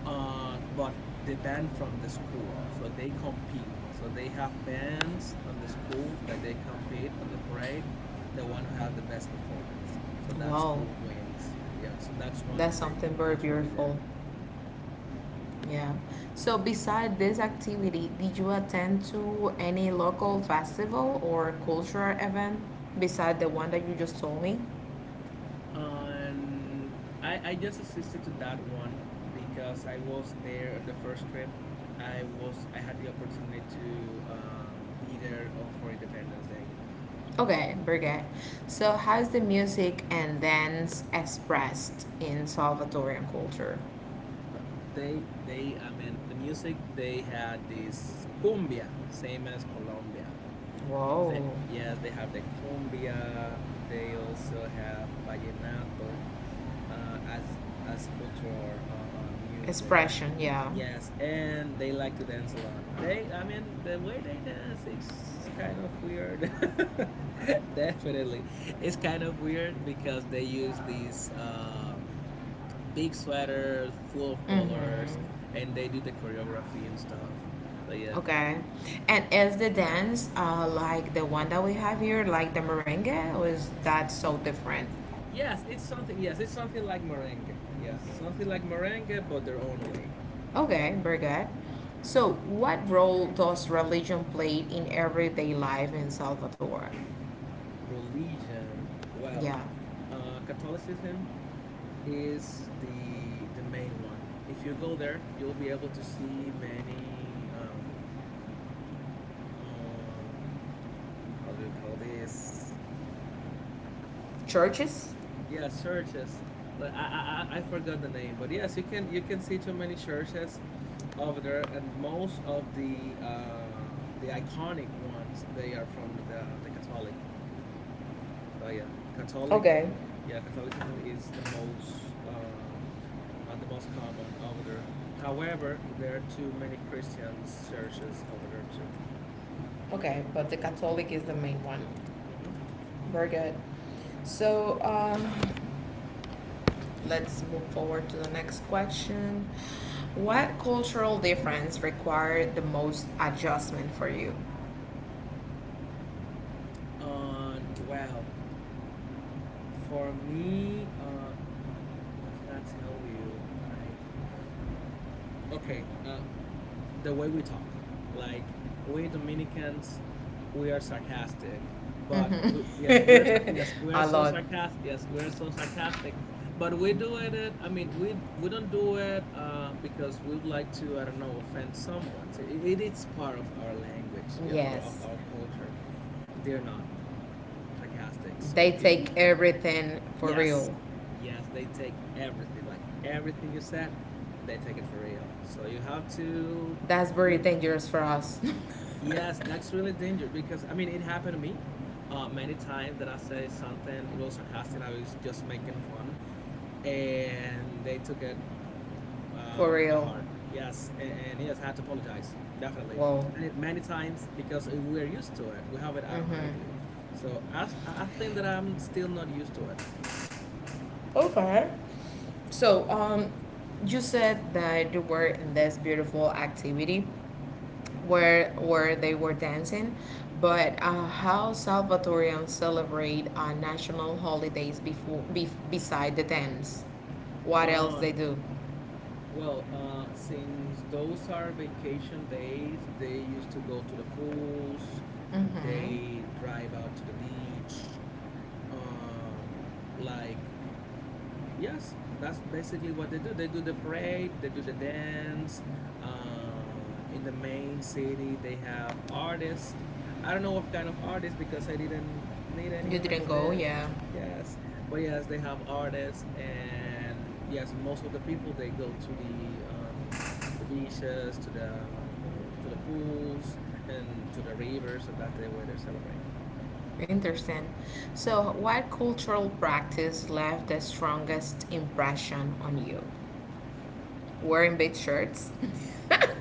[SPEAKER 2] but they banned from the school, so they compete. So they have bands on the school that they compete on the parade. The one who have the best performance, so that
[SPEAKER 1] Wow.
[SPEAKER 2] school wins. Yeah, so that's one
[SPEAKER 1] That's
[SPEAKER 2] thing they
[SPEAKER 1] something
[SPEAKER 2] do
[SPEAKER 1] very
[SPEAKER 2] culturally there.
[SPEAKER 1] beautiful. Yeah. So beside this activity, did you attend to any local festival or cultural event beside the one that you just told me?
[SPEAKER 2] And I just assisted to that one, because I was there on the first trip. I had the opportunity to, be there, for Independence Day.
[SPEAKER 1] Okay, very good. So how's the music and dance expressed in Salvadorian culture?
[SPEAKER 2] Uh, they I mean the music, they had this cumbia, same as Colombia. They-
[SPEAKER 1] Whoa.
[SPEAKER 2] yes, they have the cumbia. They also have vallenato, as cultural music.
[SPEAKER 1] Expression, yeah.
[SPEAKER 2] Yes, and they like to dance a lot. They I mean the way they dance is kind of weird. (laughs) Definitely, it's kind of weird, because they use these. Big sweaters full of colors,
[SPEAKER 1] Mm-hmm.
[SPEAKER 2] and they do the choreography and stuff. So yeah,
[SPEAKER 1] Okay. And is the dance like the one that we have here, like the merengue, or is that so
[SPEAKER 2] Y-
[SPEAKER 1] different?
[SPEAKER 2] yes, it's something. Yes, it's something like merengue. Yes, something like merengue, but their own way.
[SPEAKER 1] Okay, very good. So, what role does religion play in everyday life in Salvador?
[SPEAKER 2] Religion, well,
[SPEAKER 1] Yeah.
[SPEAKER 2] Catholicism is the main one. If you go there, you'll be able to see many, um how do you call this?
[SPEAKER 1] Churches?
[SPEAKER 2] Yeah, churches. Like I forgot the name, but yes, you can see too many churches over there, and most of the, the iconic ones, they are from the Catholic. So yeah, Catholic,
[SPEAKER 1] Okay.
[SPEAKER 2] yeah, Catholicism is the most common over there. However, there are too many Christians churches over there too.
[SPEAKER 1] Okay, but the Catholic is the main one.
[SPEAKER 2] Hmm.
[SPEAKER 1] Very good. So, let's move forward to the next question. What cultural difference required the most adjustment for you?
[SPEAKER 2] And well, for me, what can I tell you? Like, okay, the way we talk. Like we Dominicans, we are sarcastic. But we, yes, we are sar-
[SPEAKER 1] Mhm.
[SPEAKER 2] yes, we
[SPEAKER 1] (laughs)
[SPEAKER 2] are
[SPEAKER 1] A
[SPEAKER 2] so
[SPEAKER 1] lot.
[SPEAKER 2] sarcastic. Yes, we are so sarcastic, but we do it. We don't do it, because we would like to. I don't know, offend someone. It is part of our language, yeah, of
[SPEAKER 1] Yes.
[SPEAKER 2] our culture. They're not sarcastic. So
[SPEAKER 1] They
[SPEAKER 2] if you
[SPEAKER 1] take everything for
[SPEAKER 2] Yes,
[SPEAKER 1] real.
[SPEAKER 2] yes, they take everything. Like everything you said, they take it for real. So you have to
[SPEAKER 1] That's very
[SPEAKER 2] be.
[SPEAKER 1] dangerous for us.
[SPEAKER 2] Yes,
[SPEAKER 1] (laughs)
[SPEAKER 2] that's really dangerous, because I mean, it happened to me many times that I say something, it was sarcastic. I was just making fun, and they took it,
[SPEAKER 1] For
[SPEAKER 2] by
[SPEAKER 1] real.
[SPEAKER 2] heart. Yes, and yes, I had to apologize, definitely,
[SPEAKER 1] Whoa.
[SPEAKER 2] many many times, because we're used to it. We have it automatically.
[SPEAKER 1] Hmm.
[SPEAKER 2] So I think that I'm still not used to it.
[SPEAKER 1] Okay.
[SPEAKER 2] Mhm.
[SPEAKER 1] So, you said that you were in this beautiful activity where they were dancing, but how Salvatorians celebrate national holidays before beside the dance? What else
[SPEAKER 2] Uh,
[SPEAKER 1] they do?
[SPEAKER 2] Well, since those are vacation days, they used to go to the pools,
[SPEAKER 1] Mm-hmm.
[SPEAKER 2] they drive out to the beach. um, like Yes, that's basically what they do. They do the parade, they do the dance. In the main city, they have artists. I don't know what kind of artists, because I didn't meet any
[SPEAKER 1] You didn't
[SPEAKER 2] artists
[SPEAKER 1] go,
[SPEAKER 2] there.
[SPEAKER 1] yeah.
[SPEAKER 2] Yes, but yes, they have artists, and yes, most of the people, they go to the beaches, to the pools, and to the rivers, so that's the way they celebrate.
[SPEAKER 1] Interesting. So, what cultural practice left the strongest impression on you? Wearing big shirts, (laughs)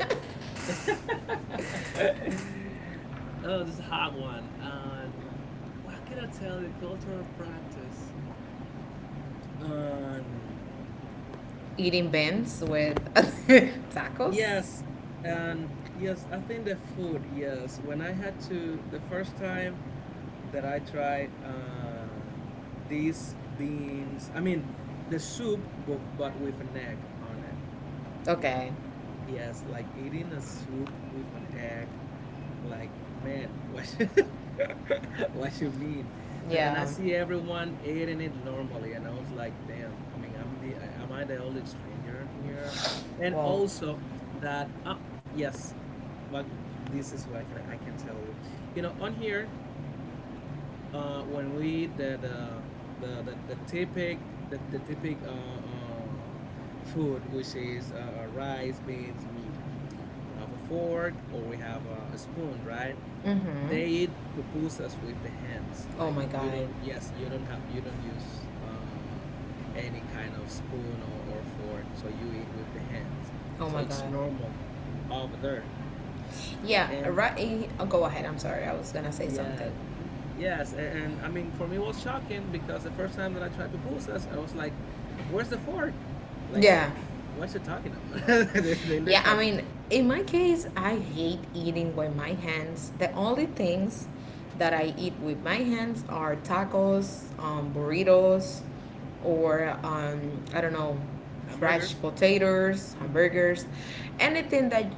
[SPEAKER 2] (laughs) Oh, this is a hard one. What can I tell you? Cultural practice. Um,
[SPEAKER 1] eating beans with (laughs) tacos.
[SPEAKER 2] yes, and yes, I think the food. Yes, when I had to the first time that I tried, these beans. I mean, the soup, but with an egg on it.
[SPEAKER 1] Okay,
[SPEAKER 2] Yes, like eating a soup with an egg. Like, man, (laughs) what? (laughs) What you mean? So, and I
[SPEAKER 1] yeah.
[SPEAKER 2] see everyone eating it normally, and I was like, damn. I mean, am I the only stranger here? And
[SPEAKER 1] Well,
[SPEAKER 2] also that ah yes, well, this is what I can tell you. You know, on here, when we the typic the the typic uh, uh food, which is, rice, beans, meat. We have a fork, or we have, a spoon, right?
[SPEAKER 1] mm-hmm.
[SPEAKER 2] They eat pupusas with the hands,
[SPEAKER 1] Oh
[SPEAKER 2] like
[SPEAKER 1] my
[SPEAKER 2] you
[SPEAKER 1] god.
[SPEAKER 2] don't yes you don't have you don't use, any kind of spoon, or fork, so you eat with the hands,
[SPEAKER 1] Oh
[SPEAKER 2] so
[SPEAKER 1] my
[SPEAKER 2] it's
[SPEAKER 1] god.
[SPEAKER 2] normal over there.
[SPEAKER 1] Yeah.
[SPEAKER 2] And
[SPEAKER 1] Right. Oh, Go ahead. I'm sorry. I was gonna say
[SPEAKER 2] yeah,
[SPEAKER 1] something.
[SPEAKER 2] n- yes, and I mean, for me, it was shocking, because the first time that I tried pupusas, I was like, where's the fork? Like,
[SPEAKER 1] Yeah.
[SPEAKER 2] what you talking about? (laughs) They
[SPEAKER 1] Yeah,
[SPEAKER 2] look
[SPEAKER 1] I
[SPEAKER 2] at
[SPEAKER 1] mean, in my case, I hate eating with my hands. The only things that I eat with my hands are tacos, burritos, or I don't know, fresh
[SPEAKER 2] hamburgers.
[SPEAKER 1] potatoes,
[SPEAKER 2] hmm
[SPEAKER 1] hamburgers, anything that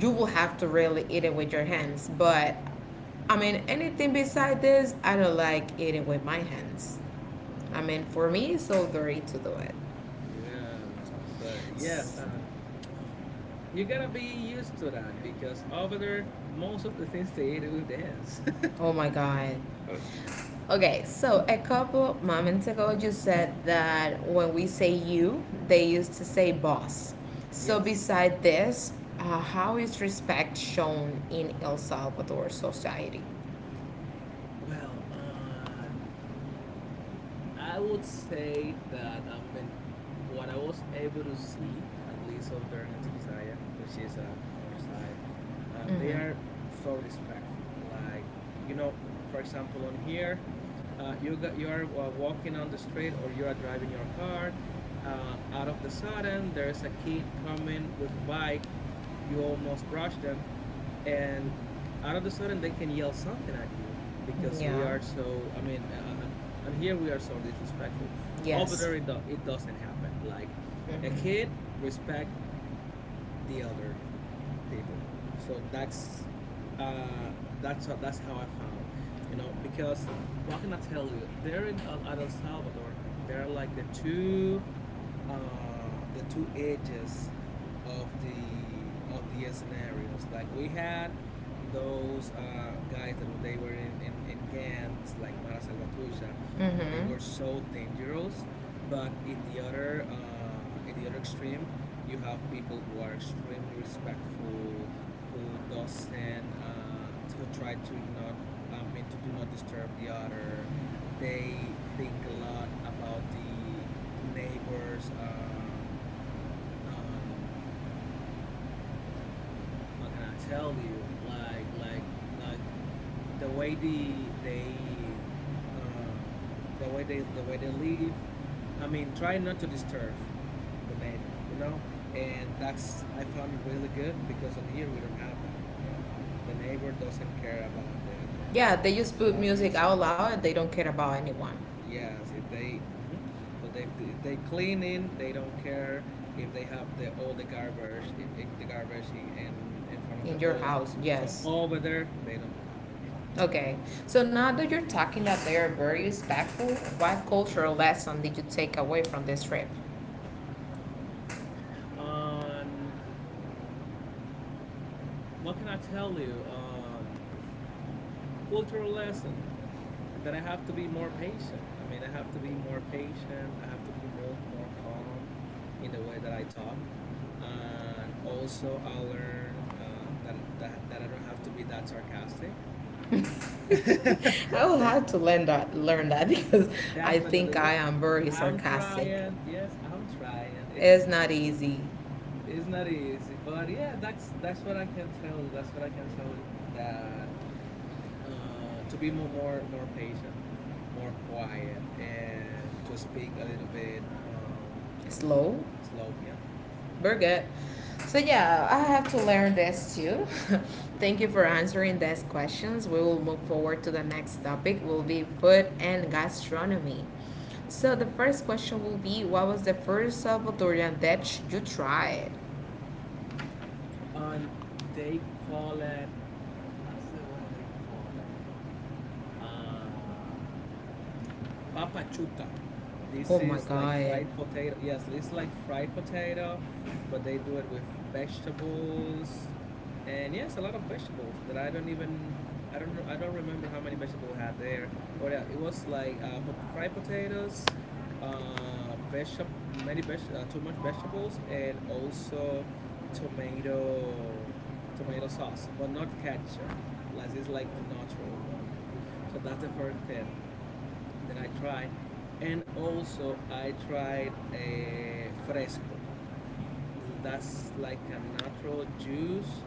[SPEAKER 1] you will have to really eat it with your hands. But I mean, anything beside this, I don't like eating with my hands. I
[SPEAKER 2] uh,
[SPEAKER 1] mean, for me, it's so dirty to do it.
[SPEAKER 2] yeah so yeah,
[SPEAKER 1] S-
[SPEAKER 2] you gotta be used to that, because over there, most of the things they eat with dance. (laughs)
[SPEAKER 1] Oh my god. Okay, so a couple moments ago, you said that when we say you, they used to say boss. So,
[SPEAKER 2] Yes.
[SPEAKER 1] beside this, how is respect shown in El Salvador society?
[SPEAKER 2] Well, I would say that, I mean, what I was able to see, at least over there in Antiquisaya, which is a countryside, they
[SPEAKER 1] Mm-hmm.
[SPEAKER 2] are so respectful. Like, you know, for example, on here, you are, walking on the street, or you are driving your car. Out of the sudden, there is a kid coming with a bike. You almost brush them, and out of the sudden, they can yell something at you, because we
[SPEAKER 1] Yeah.
[SPEAKER 2] are so. I mean, and here we are so disrespectful. Over
[SPEAKER 1] Yes.
[SPEAKER 2] there, it doesn't happen. Like a
[SPEAKER 1] Mm-hmm.
[SPEAKER 2] kid respect the elders people. So uh, that's how I found, because what can I tell you? There in at El Salvador, there are like the two edges of the scenarios. Like we had those, guys that they were in gangs like Mara Salvatrucha, that they
[SPEAKER 1] Mm-hmm.
[SPEAKER 2] were so dangerous. But in the other extreme, you have people who are extremely respectful, who doesn't who try to not I mean to do not disturb the other. They think a lot about the neighbors, on how can I tell you, like the way they um the way they they live. I mean, try not to disturb the neighbor. And that's, I found it really good because on here we don't have that. I mean, the neighbor doesn't care about
[SPEAKER 1] Yeah, they just
[SPEAKER 2] the
[SPEAKER 1] put
[SPEAKER 2] loud
[SPEAKER 1] music
[SPEAKER 2] music.
[SPEAKER 1] out loud. They don't care about anyone
[SPEAKER 2] Yes, if they so they, if they cleaning, they don't care if they have the all the garbage the garbage in front of your
[SPEAKER 1] in your
[SPEAKER 2] door.
[SPEAKER 1] house.
[SPEAKER 2] So
[SPEAKER 1] Yes.
[SPEAKER 2] over there, they don't do that.
[SPEAKER 1] Okay. So now that you're talking that they are very respectful, what cultural lesson did you take away from this trip?
[SPEAKER 2] Um, what can I tell you? Cultural lesson, that I have to be more patient. I mean, I have to be more patient. I have to be more calm in the way that I talk. And also, I learn that, that I don't have to be that sarcastic.
[SPEAKER 1] (laughs) I
[SPEAKER 2] (laughs)
[SPEAKER 1] will
[SPEAKER 2] De-
[SPEAKER 1] have to learn that (laughs) because I think
[SPEAKER 2] definitely.
[SPEAKER 1] I
[SPEAKER 2] What
[SPEAKER 1] am very
[SPEAKER 2] I'm
[SPEAKER 1] sarcastic.
[SPEAKER 2] trying. Yes, I'm trying.
[SPEAKER 1] It's not easy.
[SPEAKER 2] It's not easy, but yeah, that's what I can tell you. That's what I can tell you. That to be more patient, more quiet, and to speak a little bit
[SPEAKER 1] Slow,
[SPEAKER 2] slow. Yeah.
[SPEAKER 1] but good. So yeah, I have to learn this too. (laughs) Thank you for answering these questions. We will move forward to the next topic will be food and gastronomy. So the first question will be what was the first Salvadorian dish you tried?
[SPEAKER 2] And they call it. What's the way they call it? Um, papachuca. This
[SPEAKER 1] Oh my
[SPEAKER 2] is like
[SPEAKER 1] god.
[SPEAKER 2] fried potato. Yes, it's like fried potato, but they do it with vegetables, and yes, a lot of vegetables that I don't even I don't know- I don't remember how many vegetables I had there. But yeah, it was like pot- fried potatoes, vegetable many too much vegetables, and also tomato tomato sauce, but not ketchup. Like it's like the natural one. So that's the first thing that I tried, and also I tried a fresco. That's like a natural juice,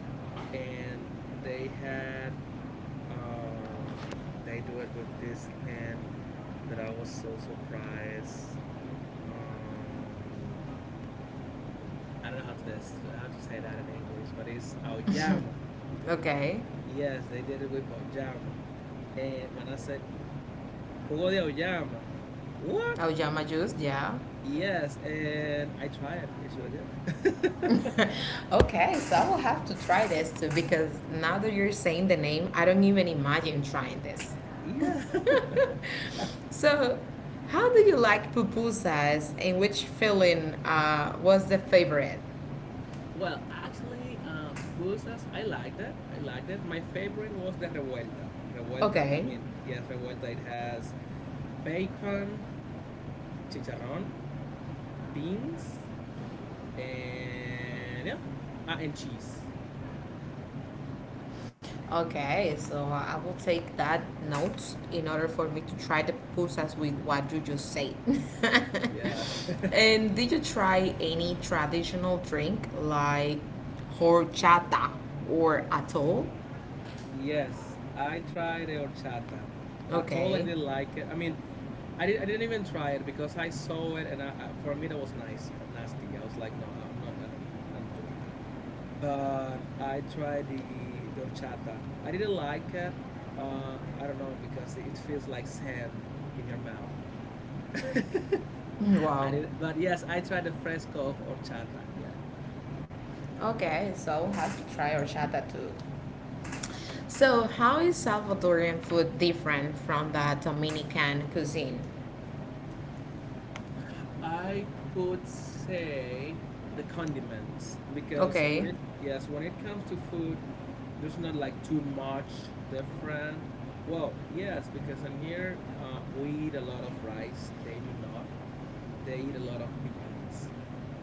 [SPEAKER 2] and they had uh, they do it with this thing that I was so surprised. Um, I don't know how to how to say that in English, but it's auyama.
[SPEAKER 1] Okay.
[SPEAKER 2] Yes, they did it with auyama. And when I said jugo de auyama, what?
[SPEAKER 1] Auyama juice, yeah.
[SPEAKER 2] Yes, and I tried. It's really good. (laughs)
[SPEAKER 1] (laughs) Okay, so I will have to try this too because now that you're saying the name, I don't even imagine trying this.
[SPEAKER 2] Yeah. (laughs)
[SPEAKER 1] (laughs) So, how do you like pupusas and which filling was the favorite?
[SPEAKER 2] Well, actually, pupusas, I like that. I like that. My favorite was the revuelta. Revuelta, I
[SPEAKER 1] Okay.
[SPEAKER 2] mean, yes, revuelta. It has bacon, chicharrón, beans, and yeah, ah, and cheese.
[SPEAKER 1] Okay, so I will take that note in order for me to try the pupusas with what you just said. (laughs)
[SPEAKER 2] Yeah. (laughs)
[SPEAKER 1] And did you try any traditional drink like horchata or atol?
[SPEAKER 2] Yes, I tried the horchata. I totally
[SPEAKER 1] Okay.
[SPEAKER 2] didn't like it. I mean, I didn't even try it because I saw it and for me that was nice, nasty. I was like, no, I- I'm not, I don't, I'm not doing that. But I tried the horchata. I didn't like it. I don't know because it feels like sand in your mouth. (laughs)
[SPEAKER 1] Mm,
[SPEAKER 2] I
[SPEAKER 1] wow.
[SPEAKER 2] did, but yes, I tried the fresco of horchata. Yeah.
[SPEAKER 1] Okay, so have to try horchata too. So, how is Salvadorian food different from the Dominican cuisine?
[SPEAKER 2] I could say the condiments because when
[SPEAKER 1] Okay,
[SPEAKER 2] it yes, when it comes to food, there's not like too much different. Well, yes, because in here we eat a lot of rice. They do not. They eat a lot of beans,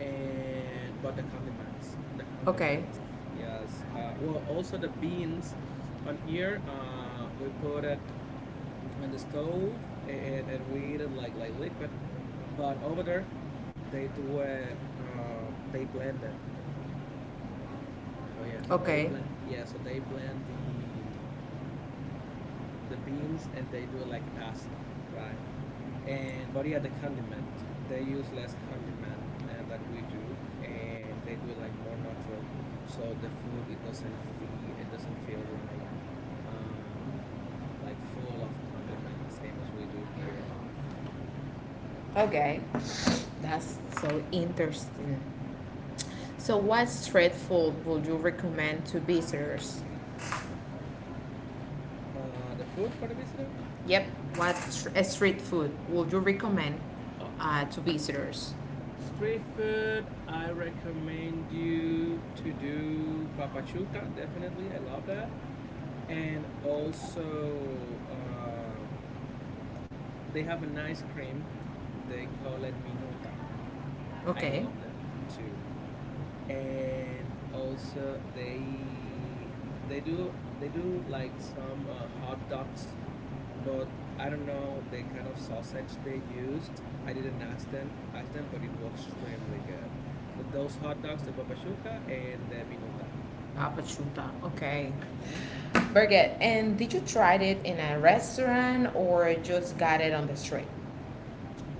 [SPEAKER 2] and but the
[SPEAKER 1] okay,
[SPEAKER 2] condiments, yes. Well, also the beans. On here, we put it in the stove and we eat it like liquid. But over there, they do it. They blend it. So yeah, so they
[SPEAKER 1] okay.
[SPEAKER 2] blend. Yeah, so they blend the beans and they do it like a pasta, right? And but yeah, the condiment they use less condiment and that we do, and they do it like more natural. So the food, it doesn't feel uh like full of condiment, same as we do here.
[SPEAKER 1] Okay, that's so interesting. So, what street food would you recommend to visitors?
[SPEAKER 2] The food for the visitor.
[SPEAKER 1] Yep, what street food would you recommend
[SPEAKER 2] Oh.
[SPEAKER 1] to visitors?
[SPEAKER 2] Street food, I recommend you to do papachuca. Definitely, I love that. And also, they have an ice cream. They call it minuta. I
[SPEAKER 1] Okay,
[SPEAKER 2] love that too. And also, they they do like some hot dogs but I don't know the kind of sausage they used. I didn't ask them, but it was extremely good. So those hot dogs, the papachuca and the minuta.
[SPEAKER 1] Papa Chuta. Okay,
[SPEAKER 2] Hmm
[SPEAKER 1] Birgit, and did you try it in a restaurant or just got it on the street?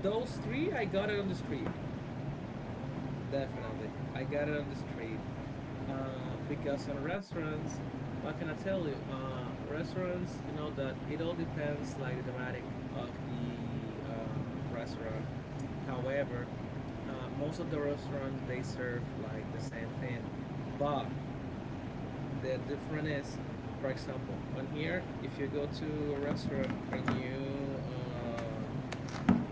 [SPEAKER 2] Those three, I got it on the street. Definitely, I got it on the street. Because on restaurants, what can I tell you? Restaurants, you know that it all depends like the thematic of the restaurant. However, most of the restaurants they serve like the same thing, but the difference is, for example, on here, if you go to a restaurant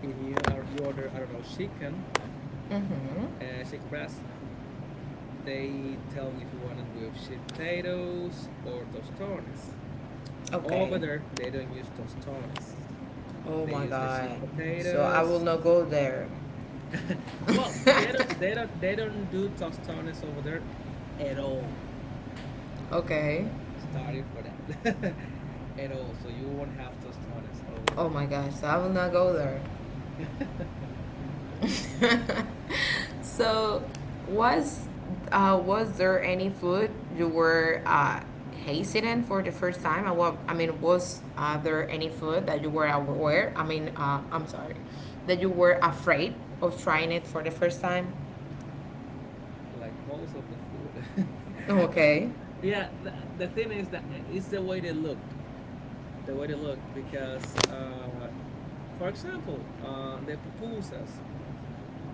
[SPEAKER 2] and you are you order I don't know chicken,
[SPEAKER 1] Mm-hmm.
[SPEAKER 2] chicken breast, they tell if you want it with sweet potatoes or tostones. Over
[SPEAKER 1] Okay.
[SPEAKER 2] there, they don't use tostones.
[SPEAKER 1] Oh
[SPEAKER 2] They
[SPEAKER 1] my
[SPEAKER 2] use the sweet
[SPEAKER 1] God. So I will
[SPEAKER 2] potatoes.
[SPEAKER 1] not go there.
[SPEAKER 2] (laughs) well,
[SPEAKER 1] (laughs)
[SPEAKER 2] they don't do tostones over there at all.
[SPEAKER 1] Okay.
[SPEAKER 2] Starting for that, (laughs) at all. So you won't have tostones over
[SPEAKER 1] Oh my gosh, so I will not go there.
[SPEAKER 2] there.
[SPEAKER 1] (laughs) So, was was there any food you were hesitant for the first time? I, I mean, was there any food that you were aware? I mean, I'm sorry, that you were afraid of trying it for the first time?
[SPEAKER 2] (laughs) like most of the food.
[SPEAKER 1] Okay.
[SPEAKER 2] (laughs) yeah, the thing is that it's the way they looked, the way they looked because for example, the pupusas.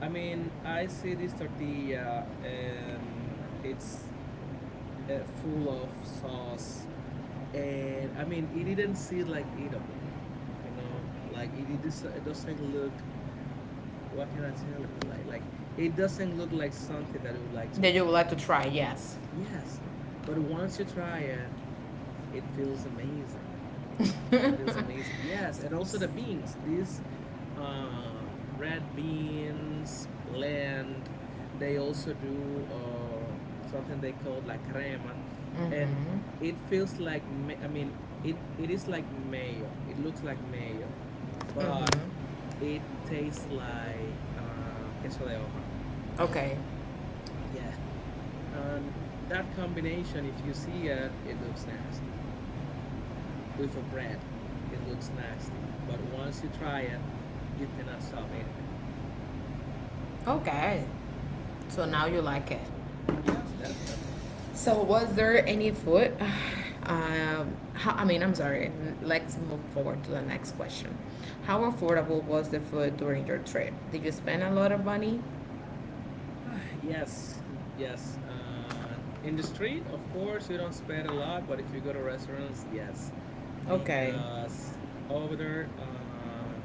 [SPEAKER 2] I mean, I see this tortilla and it's full of sauce, and I mean, it didn't seem like eatable. You know, like it doesn't look. What can I tell you? Like it doesn't look like something that you would like to
[SPEAKER 1] That
[SPEAKER 2] eat.
[SPEAKER 1] you would like to try? Yes.
[SPEAKER 2] Yes, but once you try it, it feels amazing.
[SPEAKER 1] (laughs)
[SPEAKER 2] It feels
[SPEAKER 1] Hmm.
[SPEAKER 2] amazing. Yes, and also the beans. These red beans blend. They also do something they call la crema, and it feels like it. It is like mayo. It looks like mayo, but
[SPEAKER 1] Hmm.
[SPEAKER 2] it tastes like queso de hoja.
[SPEAKER 1] Okay.
[SPEAKER 2] Yeah, and that combination, if you see it, it looks nasty. With a bread. It looks nasty, but once you try it, you cannot stop eating it.
[SPEAKER 1] Okay. So now you like it.
[SPEAKER 2] Yes, definitely.
[SPEAKER 1] So, was there any food? (sighs) How, I mean, I'm sorry. N- Let's move forward to the next question. How affordable was the food during your trip? Did you spend a lot of money?
[SPEAKER 2] (sighs) yes, yes. In the street, of course, you don't spend a lot, but if you go to restaurants, yes,
[SPEAKER 1] Okay.
[SPEAKER 2] because over there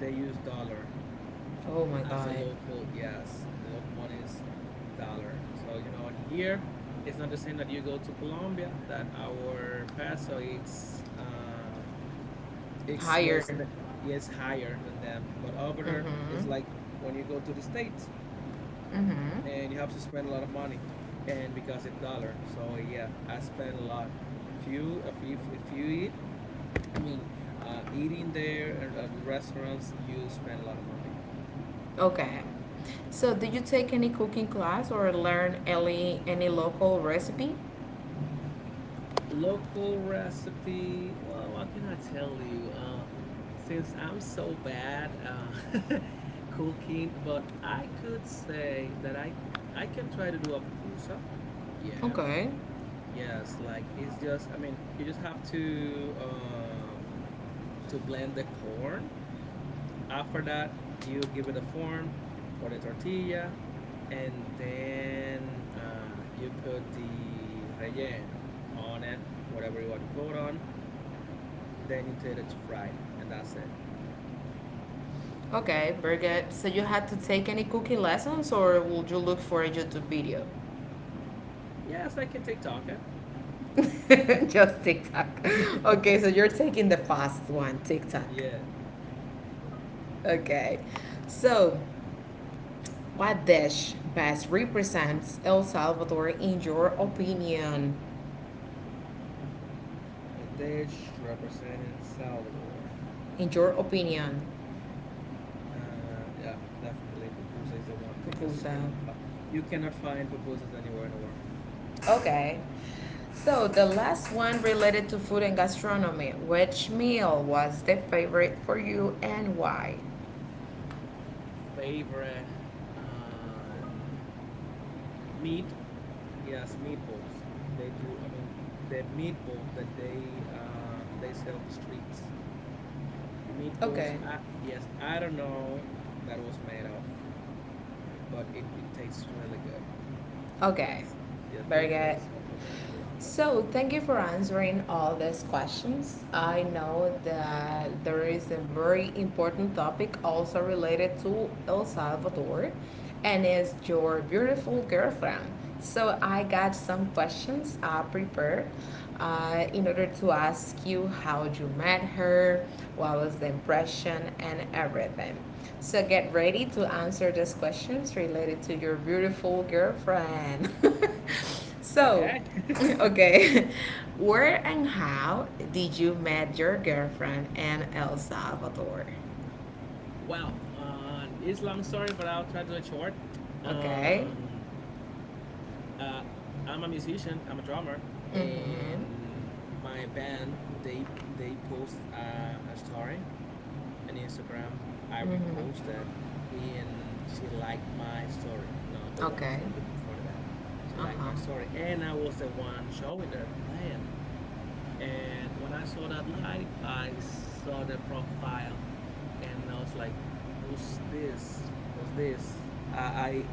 [SPEAKER 2] they use dollar
[SPEAKER 1] Oh my
[SPEAKER 2] as the
[SPEAKER 1] God.
[SPEAKER 2] local. Yes, the local money is dollar. So you know, and here it's not the same that you go to Colombia that our peso it's. It's
[SPEAKER 1] Higher.
[SPEAKER 2] was is higher than them. But over there,
[SPEAKER 1] Mm-hmm.
[SPEAKER 2] it's like when you go to the states
[SPEAKER 1] Mm-hmm.
[SPEAKER 2] and you have to spend a lot of money, and because of dollar. So yeah, I spend a lot. If you eat, I mean, eating there at the restaurants, you spend a lot of money.
[SPEAKER 1] Okay. So, did you take any cooking class or learn any local recipe?
[SPEAKER 2] Local recipe, well, what can I tell you? Since I'm so bad (laughs) cooking, but I could say that I can try to do a pupusa. Yeah,
[SPEAKER 1] Okay.
[SPEAKER 2] yes, like it's just I mean, you just have to blend the corn. After that, you give it a form for the tortilla and then you put the relleno on it, whatever you want to put on. Then you take it to fry, and that's it.
[SPEAKER 1] Okay, very good. So, you had to take any cooking lessons, or would you look for a YouTube video?
[SPEAKER 2] Yes, I can take taco.
[SPEAKER 1] (laughs) Just TikTok. Okay, so
[SPEAKER 2] (laughs)
[SPEAKER 1] you're taking the fast one, TikTok.
[SPEAKER 2] yeah,
[SPEAKER 1] Okay. So, what dish best represents El Salvador in your opinion?
[SPEAKER 2] a dish representing El Salvador.
[SPEAKER 1] In your opinion,
[SPEAKER 2] Yeah, definitely pupusa is the one because you
[SPEAKER 1] pupusa.
[SPEAKER 2] cannot you cannot find pupusas anywhere in the world.
[SPEAKER 1] Okay. So, the last one related to food and gastronomy. Which meal was the favorite for you and why?
[SPEAKER 2] Favorite um, meat? Yes, meatballs. They do. I mean, the meatball that they sell on the streets. Meatballs.
[SPEAKER 1] Okay.
[SPEAKER 2] I, yes, I don't know that was made of, but it tastes really good.
[SPEAKER 1] Okay.
[SPEAKER 2] Yes, yeah,
[SPEAKER 1] Very good.
[SPEAKER 2] meatballs over there. I love that.
[SPEAKER 1] So, thank you for answering all these questions. I know that there is a very important topic also related to El Salvador and is your beautiful girlfriend. So, I got some questions prepared in order to ask you how you met her, what was the impression, and everything. So, get ready to answer these questions related to your beautiful girlfriend. (laughs) So,
[SPEAKER 2] Okay.
[SPEAKER 1] (laughs)
[SPEAKER 2] (laughs)
[SPEAKER 1] okay, (laughs) where and how did you met your girlfriend in El Salvador?
[SPEAKER 2] Wow, it's long story, but I'll try to do it short.
[SPEAKER 1] Okay.
[SPEAKER 2] Um, uh, I'm a musician. I'm a drummer,
[SPEAKER 1] Mm-hmm.
[SPEAKER 2] and my band they post a story on Instagram. I repost
[SPEAKER 1] Mm-hmm.
[SPEAKER 2] that, and she liked my story, not the one
[SPEAKER 1] Okay.
[SPEAKER 2] from the band. She liked
[SPEAKER 1] Uh-huh.
[SPEAKER 2] my story, and I was the one showing there playing. And when I saw that light, I saw the profile and I was like, "Who's this? Who's this?" I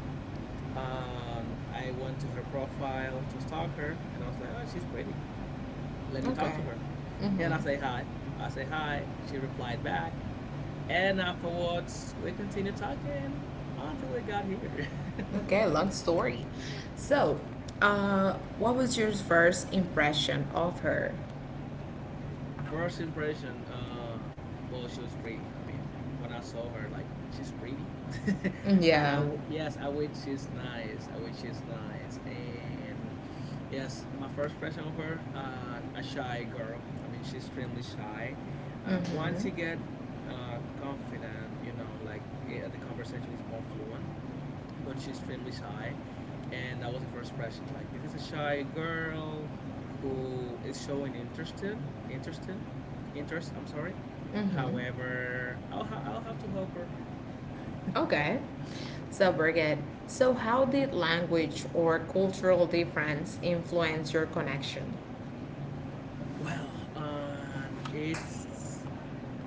[SPEAKER 2] I, um, I went to her profile to stalk her, and I was like, "Oh, she's pretty. Let me talk
[SPEAKER 1] Okay.
[SPEAKER 2] to her."
[SPEAKER 1] Mm-hmm.
[SPEAKER 2] And I say hi. I say hi. She replied back, and afterwards we continued talking until we got here.
[SPEAKER 1] Okay,
[SPEAKER 2] (laughs)
[SPEAKER 1] long story. So, uh, what was your first impression of her?
[SPEAKER 2] First impression, well, she was pretty. I mean, when I saw her, like, she's pretty. (laughs)
[SPEAKER 1] Yeah.
[SPEAKER 2] Yes, I wish she's nice. I wish she's nice. And yes, my first impression of her, a shy girl. I mean, she's extremely shy.
[SPEAKER 1] Mm-hmm.
[SPEAKER 2] Once you get confident, you know, like the conversation is more fluent but she's extremely shy. And that was the first impression. Like, this is a shy girl who is showing interest in, interest, I'm sorry.
[SPEAKER 1] Mm-hmm.
[SPEAKER 2] However, I'll have to help her. (laughs)
[SPEAKER 1] Okay. So, Birgit, so how did language or cultural difference influence your connection?
[SPEAKER 2] Well, it's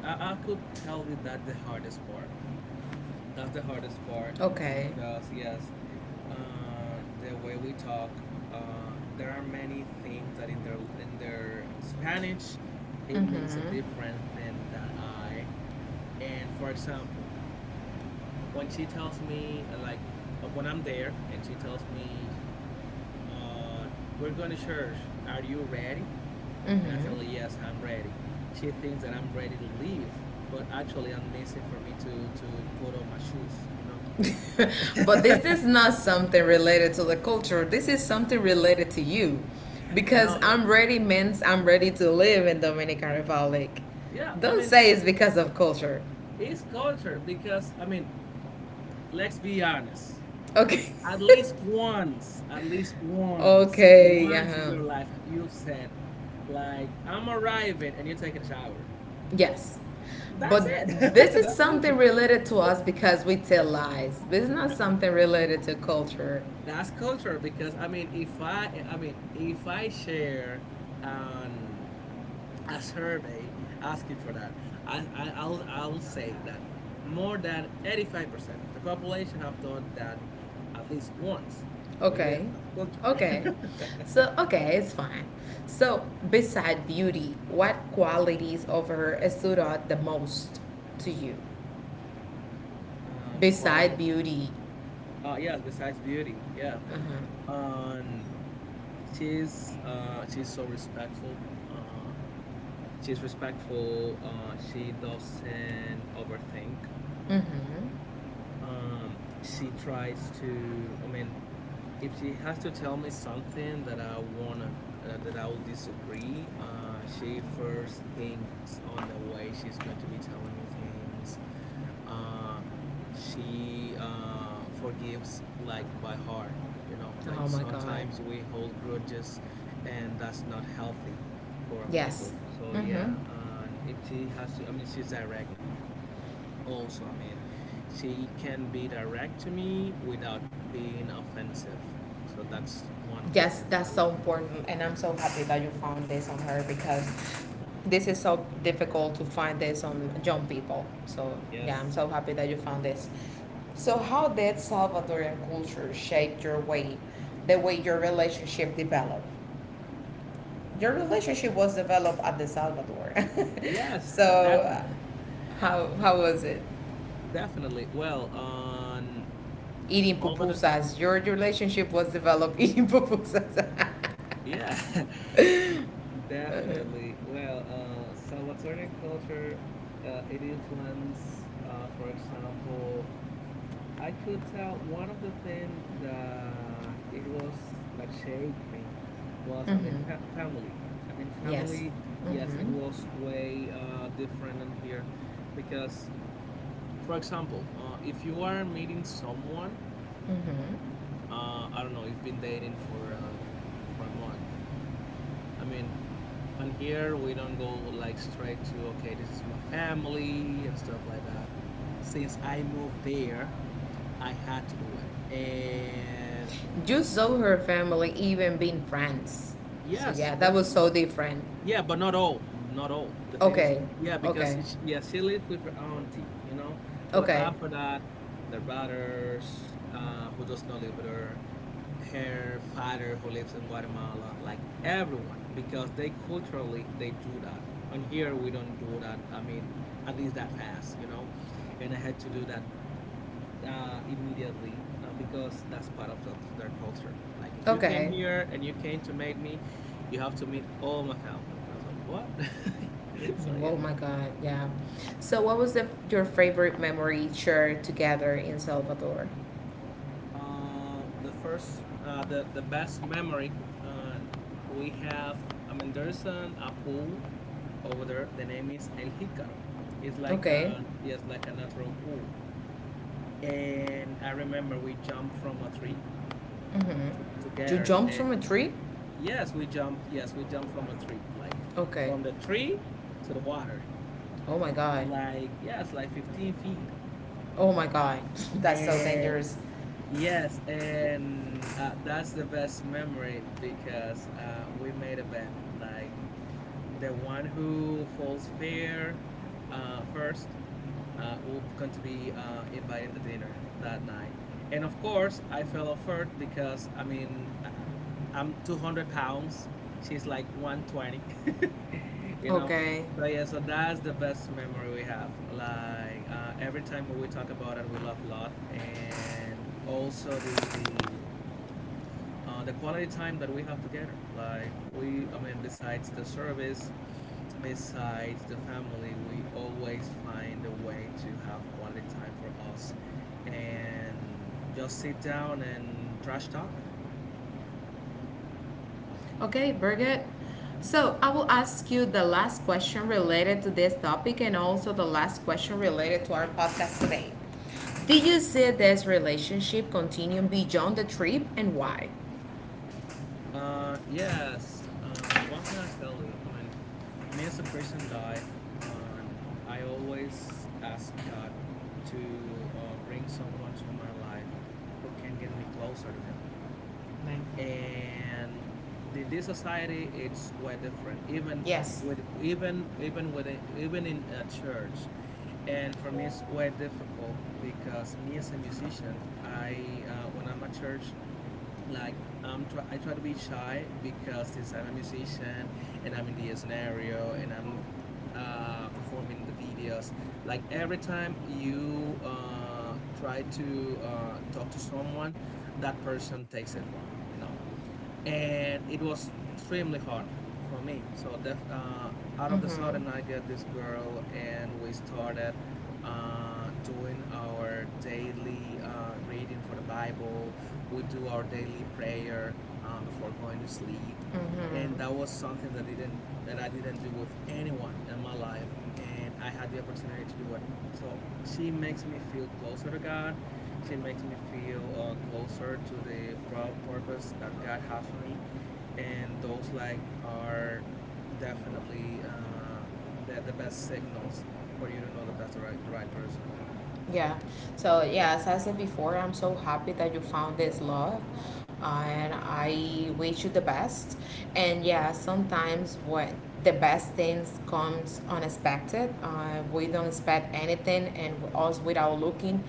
[SPEAKER 2] I could tell you that the hardest part. That's the hardest part
[SPEAKER 1] Okay.
[SPEAKER 2] because yes, the way we talk. There are many things that in their Spanish, it means a
[SPEAKER 1] Mm-hmm.
[SPEAKER 2] different thing than I. And for example, when she tells me when I'm there and she tells me, uh, "We're going to church. Are you ready?" And I tell her, "Yes, I'm ready." She thinks that I'm ready to leave, but actually, I'm missing for me to put on my shoes.
[SPEAKER 1] Mm-hmm. (laughs) But
[SPEAKER 2] (laughs)
[SPEAKER 1] this is not something related to the culture. This is something related to you. Because
[SPEAKER 2] No,
[SPEAKER 1] I'm ready means I'm ready to live in Dominican Republic.
[SPEAKER 2] yeah. I
[SPEAKER 1] Don't
[SPEAKER 2] mean,
[SPEAKER 1] say it's because of culture.
[SPEAKER 2] it's culture because I mean, let's be honest.
[SPEAKER 1] Okay.
[SPEAKER 2] At least
[SPEAKER 1] (laughs)
[SPEAKER 2] once,
[SPEAKER 1] Okay,
[SPEAKER 2] once in
[SPEAKER 1] uh-huh.
[SPEAKER 2] your life, you've said, like, I'm arriving and you're taking a shower.
[SPEAKER 1] Yes.
[SPEAKER 2] That's
[SPEAKER 1] But
[SPEAKER 2] it. (laughs)
[SPEAKER 1] this is
[SPEAKER 2] That's
[SPEAKER 1] something
[SPEAKER 2] culture.
[SPEAKER 1] related to us because we tell lies. This is not something related to culture.
[SPEAKER 2] That's culture because I mean, if I, I mean, if I share an a survey asking for that, I'll say that more than 85% of the population have done that at least once. So yeah,
[SPEAKER 1] Okay.
[SPEAKER 2] that's culture.
[SPEAKER 1] Okay.
[SPEAKER 2] (laughs)
[SPEAKER 1] So, okay, it's fine. So, beside beauty, what qualities of her stood out the most to you?
[SPEAKER 2] And quality.
[SPEAKER 1] Beside beauty.
[SPEAKER 2] Oh yes, besides beauty, yeah.
[SPEAKER 1] Uh-huh.
[SPEAKER 2] Um, she's she's so respectful. Uh, she's respectful. She doesn't overthink.
[SPEAKER 1] Mm-hmm.
[SPEAKER 2] She tries to. I mean, if she has to tell me something that I wanna that I will disagree, she first thinks on the way she's going to be telling me things. Uh, she forgives like by heart. You know, like
[SPEAKER 1] Oh my God.
[SPEAKER 2] sometimes we hold grudges, and that's not healthy for a
[SPEAKER 1] Yes.
[SPEAKER 2] couple. So
[SPEAKER 1] Mm-hmm.
[SPEAKER 2] yeah, and if she has to, I mean, she's direct also, I mean, she can be direct to me without being offensive. So that's one of the
[SPEAKER 1] Yes,
[SPEAKER 2] things that I
[SPEAKER 1] that's so
[SPEAKER 2] like the most.
[SPEAKER 1] important, and I'm so happy that you found this on her because
[SPEAKER 2] Mhm.
[SPEAKER 1] this is so difficult to find this on young people. So yeah, I'm
[SPEAKER 2] Yes.
[SPEAKER 1] so happy that you found this. So how did Salvadorian culture shape your way, the way your relationship developed? Your relationship was developed at the Salvador. (laughs)
[SPEAKER 2] Yes, definitely,
[SPEAKER 1] So how was it?
[SPEAKER 2] definitely. Well, on
[SPEAKER 1] Eating
[SPEAKER 2] over the
[SPEAKER 1] pupusas. Your relationship was developed (laughs) eating pupusas.
[SPEAKER 2] yeah, (laughs) definitely.
[SPEAKER 1] (laughs)
[SPEAKER 2] Well, so Salvatorian culture, it influence, for example, I could tell one of the things that it was that shaped me was, I mean,
[SPEAKER 1] Mm-hmm.
[SPEAKER 2] family. I mean,
[SPEAKER 1] Yes.
[SPEAKER 2] family, yes, it
[SPEAKER 1] Mm-hmm.
[SPEAKER 2] was way different in here because, for example, if you are meeting someone,
[SPEAKER 1] Mm-hmm.
[SPEAKER 2] I don't know, you've been dating for a month, I mean, on here we don't go like straight to, okay, this is my family and stuff like that. Since I moved there, I had to do it. And
[SPEAKER 1] You saw her family even being friends. So
[SPEAKER 2] yes,
[SPEAKER 1] yeah, that was
[SPEAKER 2] definitely.
[SPEAKER 1] so
[SPEAKER 2] But
[SPEAKER 1] different.
[SPEAKER 2] yeah, but not all, not all. The thing is,
[SPEAKER 1] Okay.
[SPEAKER 2] yeah, because
[SPEAKER 1] Okay.
[SPEAKER 2] it's, yeah, she lived with her auntie, you know. But
[SPEAKER 1] Okay.
[SPEAKER 2] after that, the brothers who does not live with her, her father who lives in Guatemala, like everyone, because they culturally they do that. And here we don't do that. I mean, at least that fast, you know. And I had to do that immediately because that's part of the, their culture. Like if you came
[SPEAKER 1] Okay.
[SPEAKER 2] here and you came to meet me, you have to meet all my family. And I was like, what? (laughs) So yeah.
[SPEAKER 1] Oh my God. Yeah. So what was the your favorite memory shared together in Salvador?
[SPEAKER 2] The best memory uh, we have. I mean, there's an a pool over there. The name is El Jicaro. It's like
[SPEAKER 1] Okay.
[SPEAKER 2] a yes, like a natural pool. And I remember we jumped from a tree
[SPEAKER 1] Mm-hmm.
[SPEAKER 2] to,
[SPEAKER 1] You
[SPEAKER 2] together.
[SPEAKER 1] jumped from a tree?
[SPEAKER 2] Yes, we jumped. Yes, we jumped from a tree, like
[SPEAKER 1] Okay.
[SPEAKER 2] from the tree to the water,
[SPEAKER 1] Oh my God.
[SPEAKER 2] like yes, like 15 feet.
[SPEAKER 1] Oh my God. (laughs) That's so
[SPEAKER 2] And
[SPEAKER 1] dangerous.
[SPEAKER 2] yes, and that's the best memory because we made a bed. Like the one who falls fair first will going to be inviting the dinner that night. And of course, I fell off first because I mean, I'm 200 pounds. She's like 120, (laughs) you know.
[SPEAKER 1] Okay.
[SPEAKER 2] So yeah, so that's the best memory we have. Like every time we talk about it, we laugh a lot, and also the quality time that we have together. Like we, I mean, besides the service, besides the family, we always find a way to have quality time for us and just sit down and trash talk.
[SPEAKER 1] Okay, Birgit.
[SPEAKER 2] Hmm.
[SPEAKER 1] So I will ask you the last question related to this topic and also the last question related to our podcast today.
[SPEAKER 2] Hmm.
[SPEAKER 1] Do you see this relationship continuing beyond the trip and why?
[SPEAKER 2] Yes. What can I tell you? I mean, me as a Christian guy, I always ask God to bring someone to my life who can get me closer to Him. And in this society it's quite different
[SPEAKER 1] Yes.
[SPEAKER 2] even with even in a church. And for me it's quite difficult because me as a musician, I when I'm at church, like, I try to be shy because since I'm a musician and I'm in the scenario and I'm performing the videos, like every time you try to talk to someone, that person takes it wrong, you know. And it was extremely hard for me. Out of the sudden,
[SPEAKER 1] Mm-hmm.
[SPEAKER 2] I get this girl, and we started doing our daily reading for the Bible. We do our daily prayer before going to sleep, and that
[SPEAKER 1] Mm-hmm.
[SPEAKER 2] was something that I didn't do with anyone in my life, and I had the opportunity to do it. So she makes me feel closer to God. She makes me feel closer to the purpose that God has for me, and those like are definitely the best signals for you to know that that's the right person.
[SPEAKER 1] Yeah. So yeah, as I said before, I'm so happy that you found this love, and I wish you the best. And yeah, sometimes what the best things comes unexpected. We don't expect anything, and with us without looking,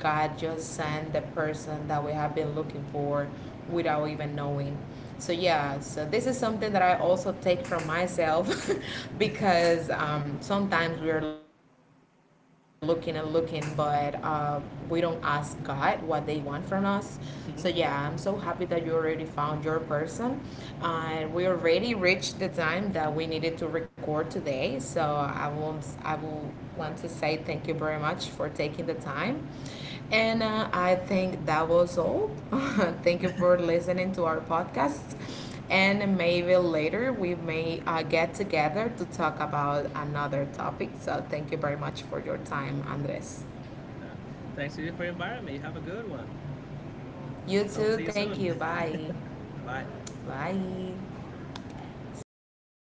[SPEAKER 1] God just sent the person that we have been looking for without even knowing. So yeah, so this is something that I also take from myself. (laughs) Because sometimes we are looking and looking, but we don't ask God what they want from us. So yeah, I'm so
[SPEAKER 2] Hmm.
[SPEAKER 1] happy that you already found your person, and we already reached the time that we needed to record today. So I will want to say thank you very much for taking the time, and I think that was all. (laughs) Thank you for listening to our podcast. And maybe later we may get together to talk about another topic. So thank you very much for your time, Andres.
[SPEAKER 2] Yeah. Thanks to you for inviting me. Have a good one.
[SPEAKER 1] You
[SPEAKER 2] Hope to see
[SPEAKER 1] too.
[SPEAKER 2] you
[SPEAKER 1] Thank
[SPEAKER 2] soon.
[SPEAKER 1] you. Bye.
[SPEAKER 2] (laughs) Bye.
[SPEAKER 1] Bye. So stop.